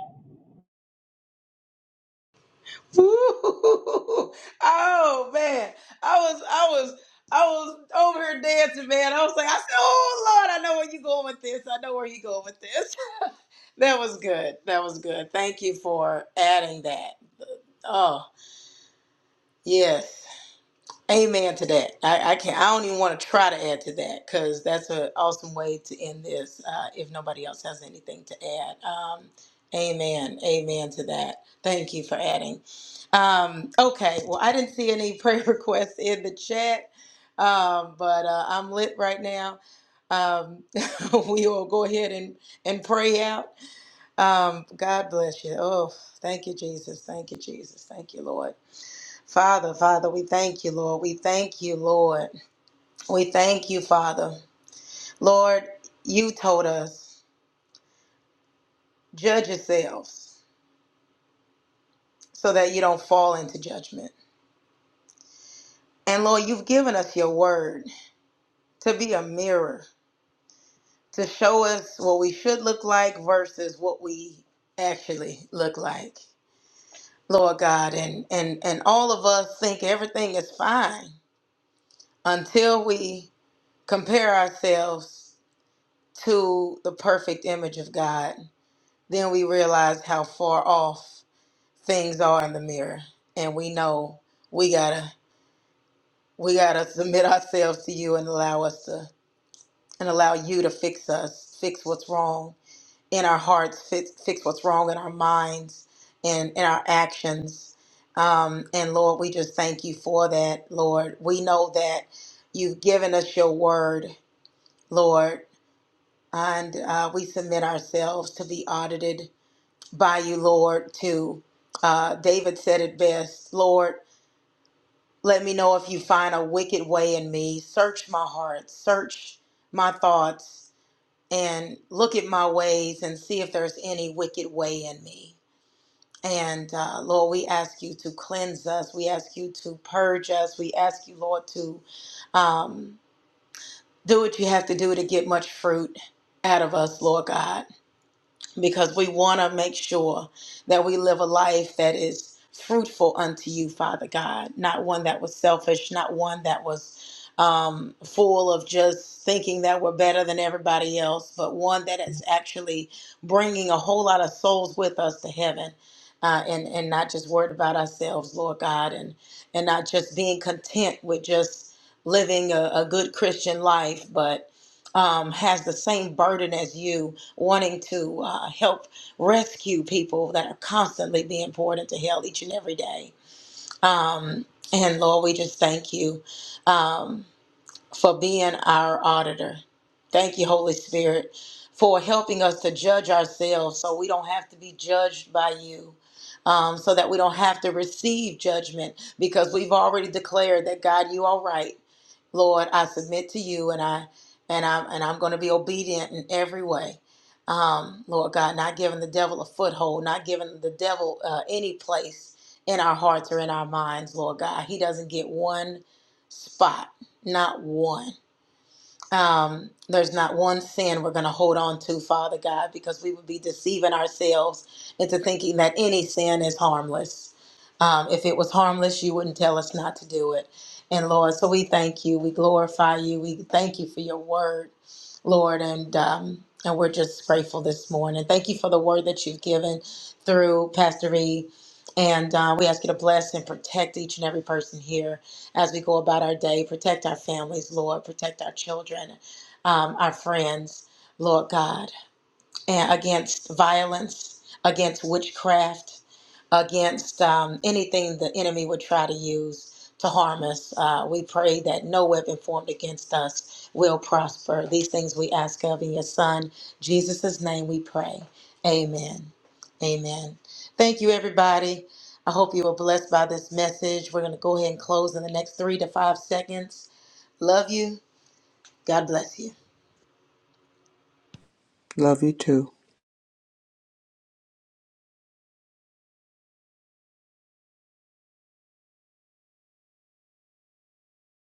Ooh. oh man, I was I was I was over here dancing, man. I was like, I said, oh Lord, I know where you going with this. I know where you going with this. that was good. That was good. Thank you for adding that. Oh yes. Amen to that. I, I can't. I don't even want to try to add to that because that's an awesome way to end this. Uh, if nobody else has anything to add, um, amen. Amen to that. Thank you for adding. Um, okay. Well, I didn't see any prayer requests in the chat, um, but uh, I'm lit right now. Um, we will go ahead and and pray out. Um, God bless you. Oh, thank you, Jesus. Thank you, Jesus. Thank you, Lord. Father, Father, we thank you, Lord. We thank you, Lord. We thank you, Father. Lord, you told us, judge yourselves so that you don't fall into judgment. And Lord, you've given us your word to be a mirror, to show us what we should look like versus what we actually look like. Lord God, and and and all of us think everything is fine until we compare ourselves to the perfect image of God then we realize how far off things are in the mirror and we know we gotta we gotta submit ourselves to you and allow us to and allow you to fix us fix what's wrong in our hearts fix, fix what's wrong in our minds and in our actions um, and lord we just thank you for that lord we know that you've given us your word lord and uh, we submit ourselves to be audited by you, Lord, to uh, David said it best Lord, let me know if you find a wicked way in me. Search my heart, search my thoughts, and look at my ways and see if there's any wicked way in me. And uh, Lord, we ask you to cleanse us. We ask you to purge us. We ask you, Lord, to um, do what you have to do to get much fruit out of us, Lord God. because we want to make sure that we live a life that is fruitful unto you, Father God, not one that was selfish, not one that was um, full of just thinking that we're better than everybody else, but one that is actually bringing a whole lot of souls with us to heaven. Uh, and and not just worried about ourselves, Lord God, and and not just being content with just living a, a good Christian life, but um, has the same burden as you, wanting to uh, help rescue people that are constantly being poured into hell each and every day. Um, and Lord, we just thank you. Um, for being our auditor. Thank you, Holy Spirit, for helping us to judge ourselves so we don't have to be judged by you. Um, so that we don't have to receive judgment because we've already declared that God, you are right. Lord, I submit to you and I and I'm and I'm gonna be obedient in every way. Um, Lord God, not giving the devil a foothold, not giving the devil uh, any place in our hearts or in our minds, Lord God. He doesn't get one spot not one. Um, there's not one sin we're going to hold on to, Father God, because we would be deceiving ourselves into thinking that any sin is harmless. Um, if it was harmless, you wouldn't tell us not to do it. And Lord, so we thank you. We glorify you. We thank you for your word, Lord. And um, and we're just grateful this morning. Thank you for the word that you've given through Pastor E. And uh, we ask you to bless and protect each and every person here as we go about our day. Protect our families, Lord. Protect our children, um, our friends, Lord God and against violence, against witchcraft, against um, anything the enemy would try to use to harm us. Uh, we pray that no weapon formed against us will prosper. These things we ask of in your Son, Jesus' name we pray. Amen. Amen. Thank you, everybody. I hope you were blessed by this message. We're going to go ahead and close in the next three to five seconds. Love you. God bless you.
Love you too.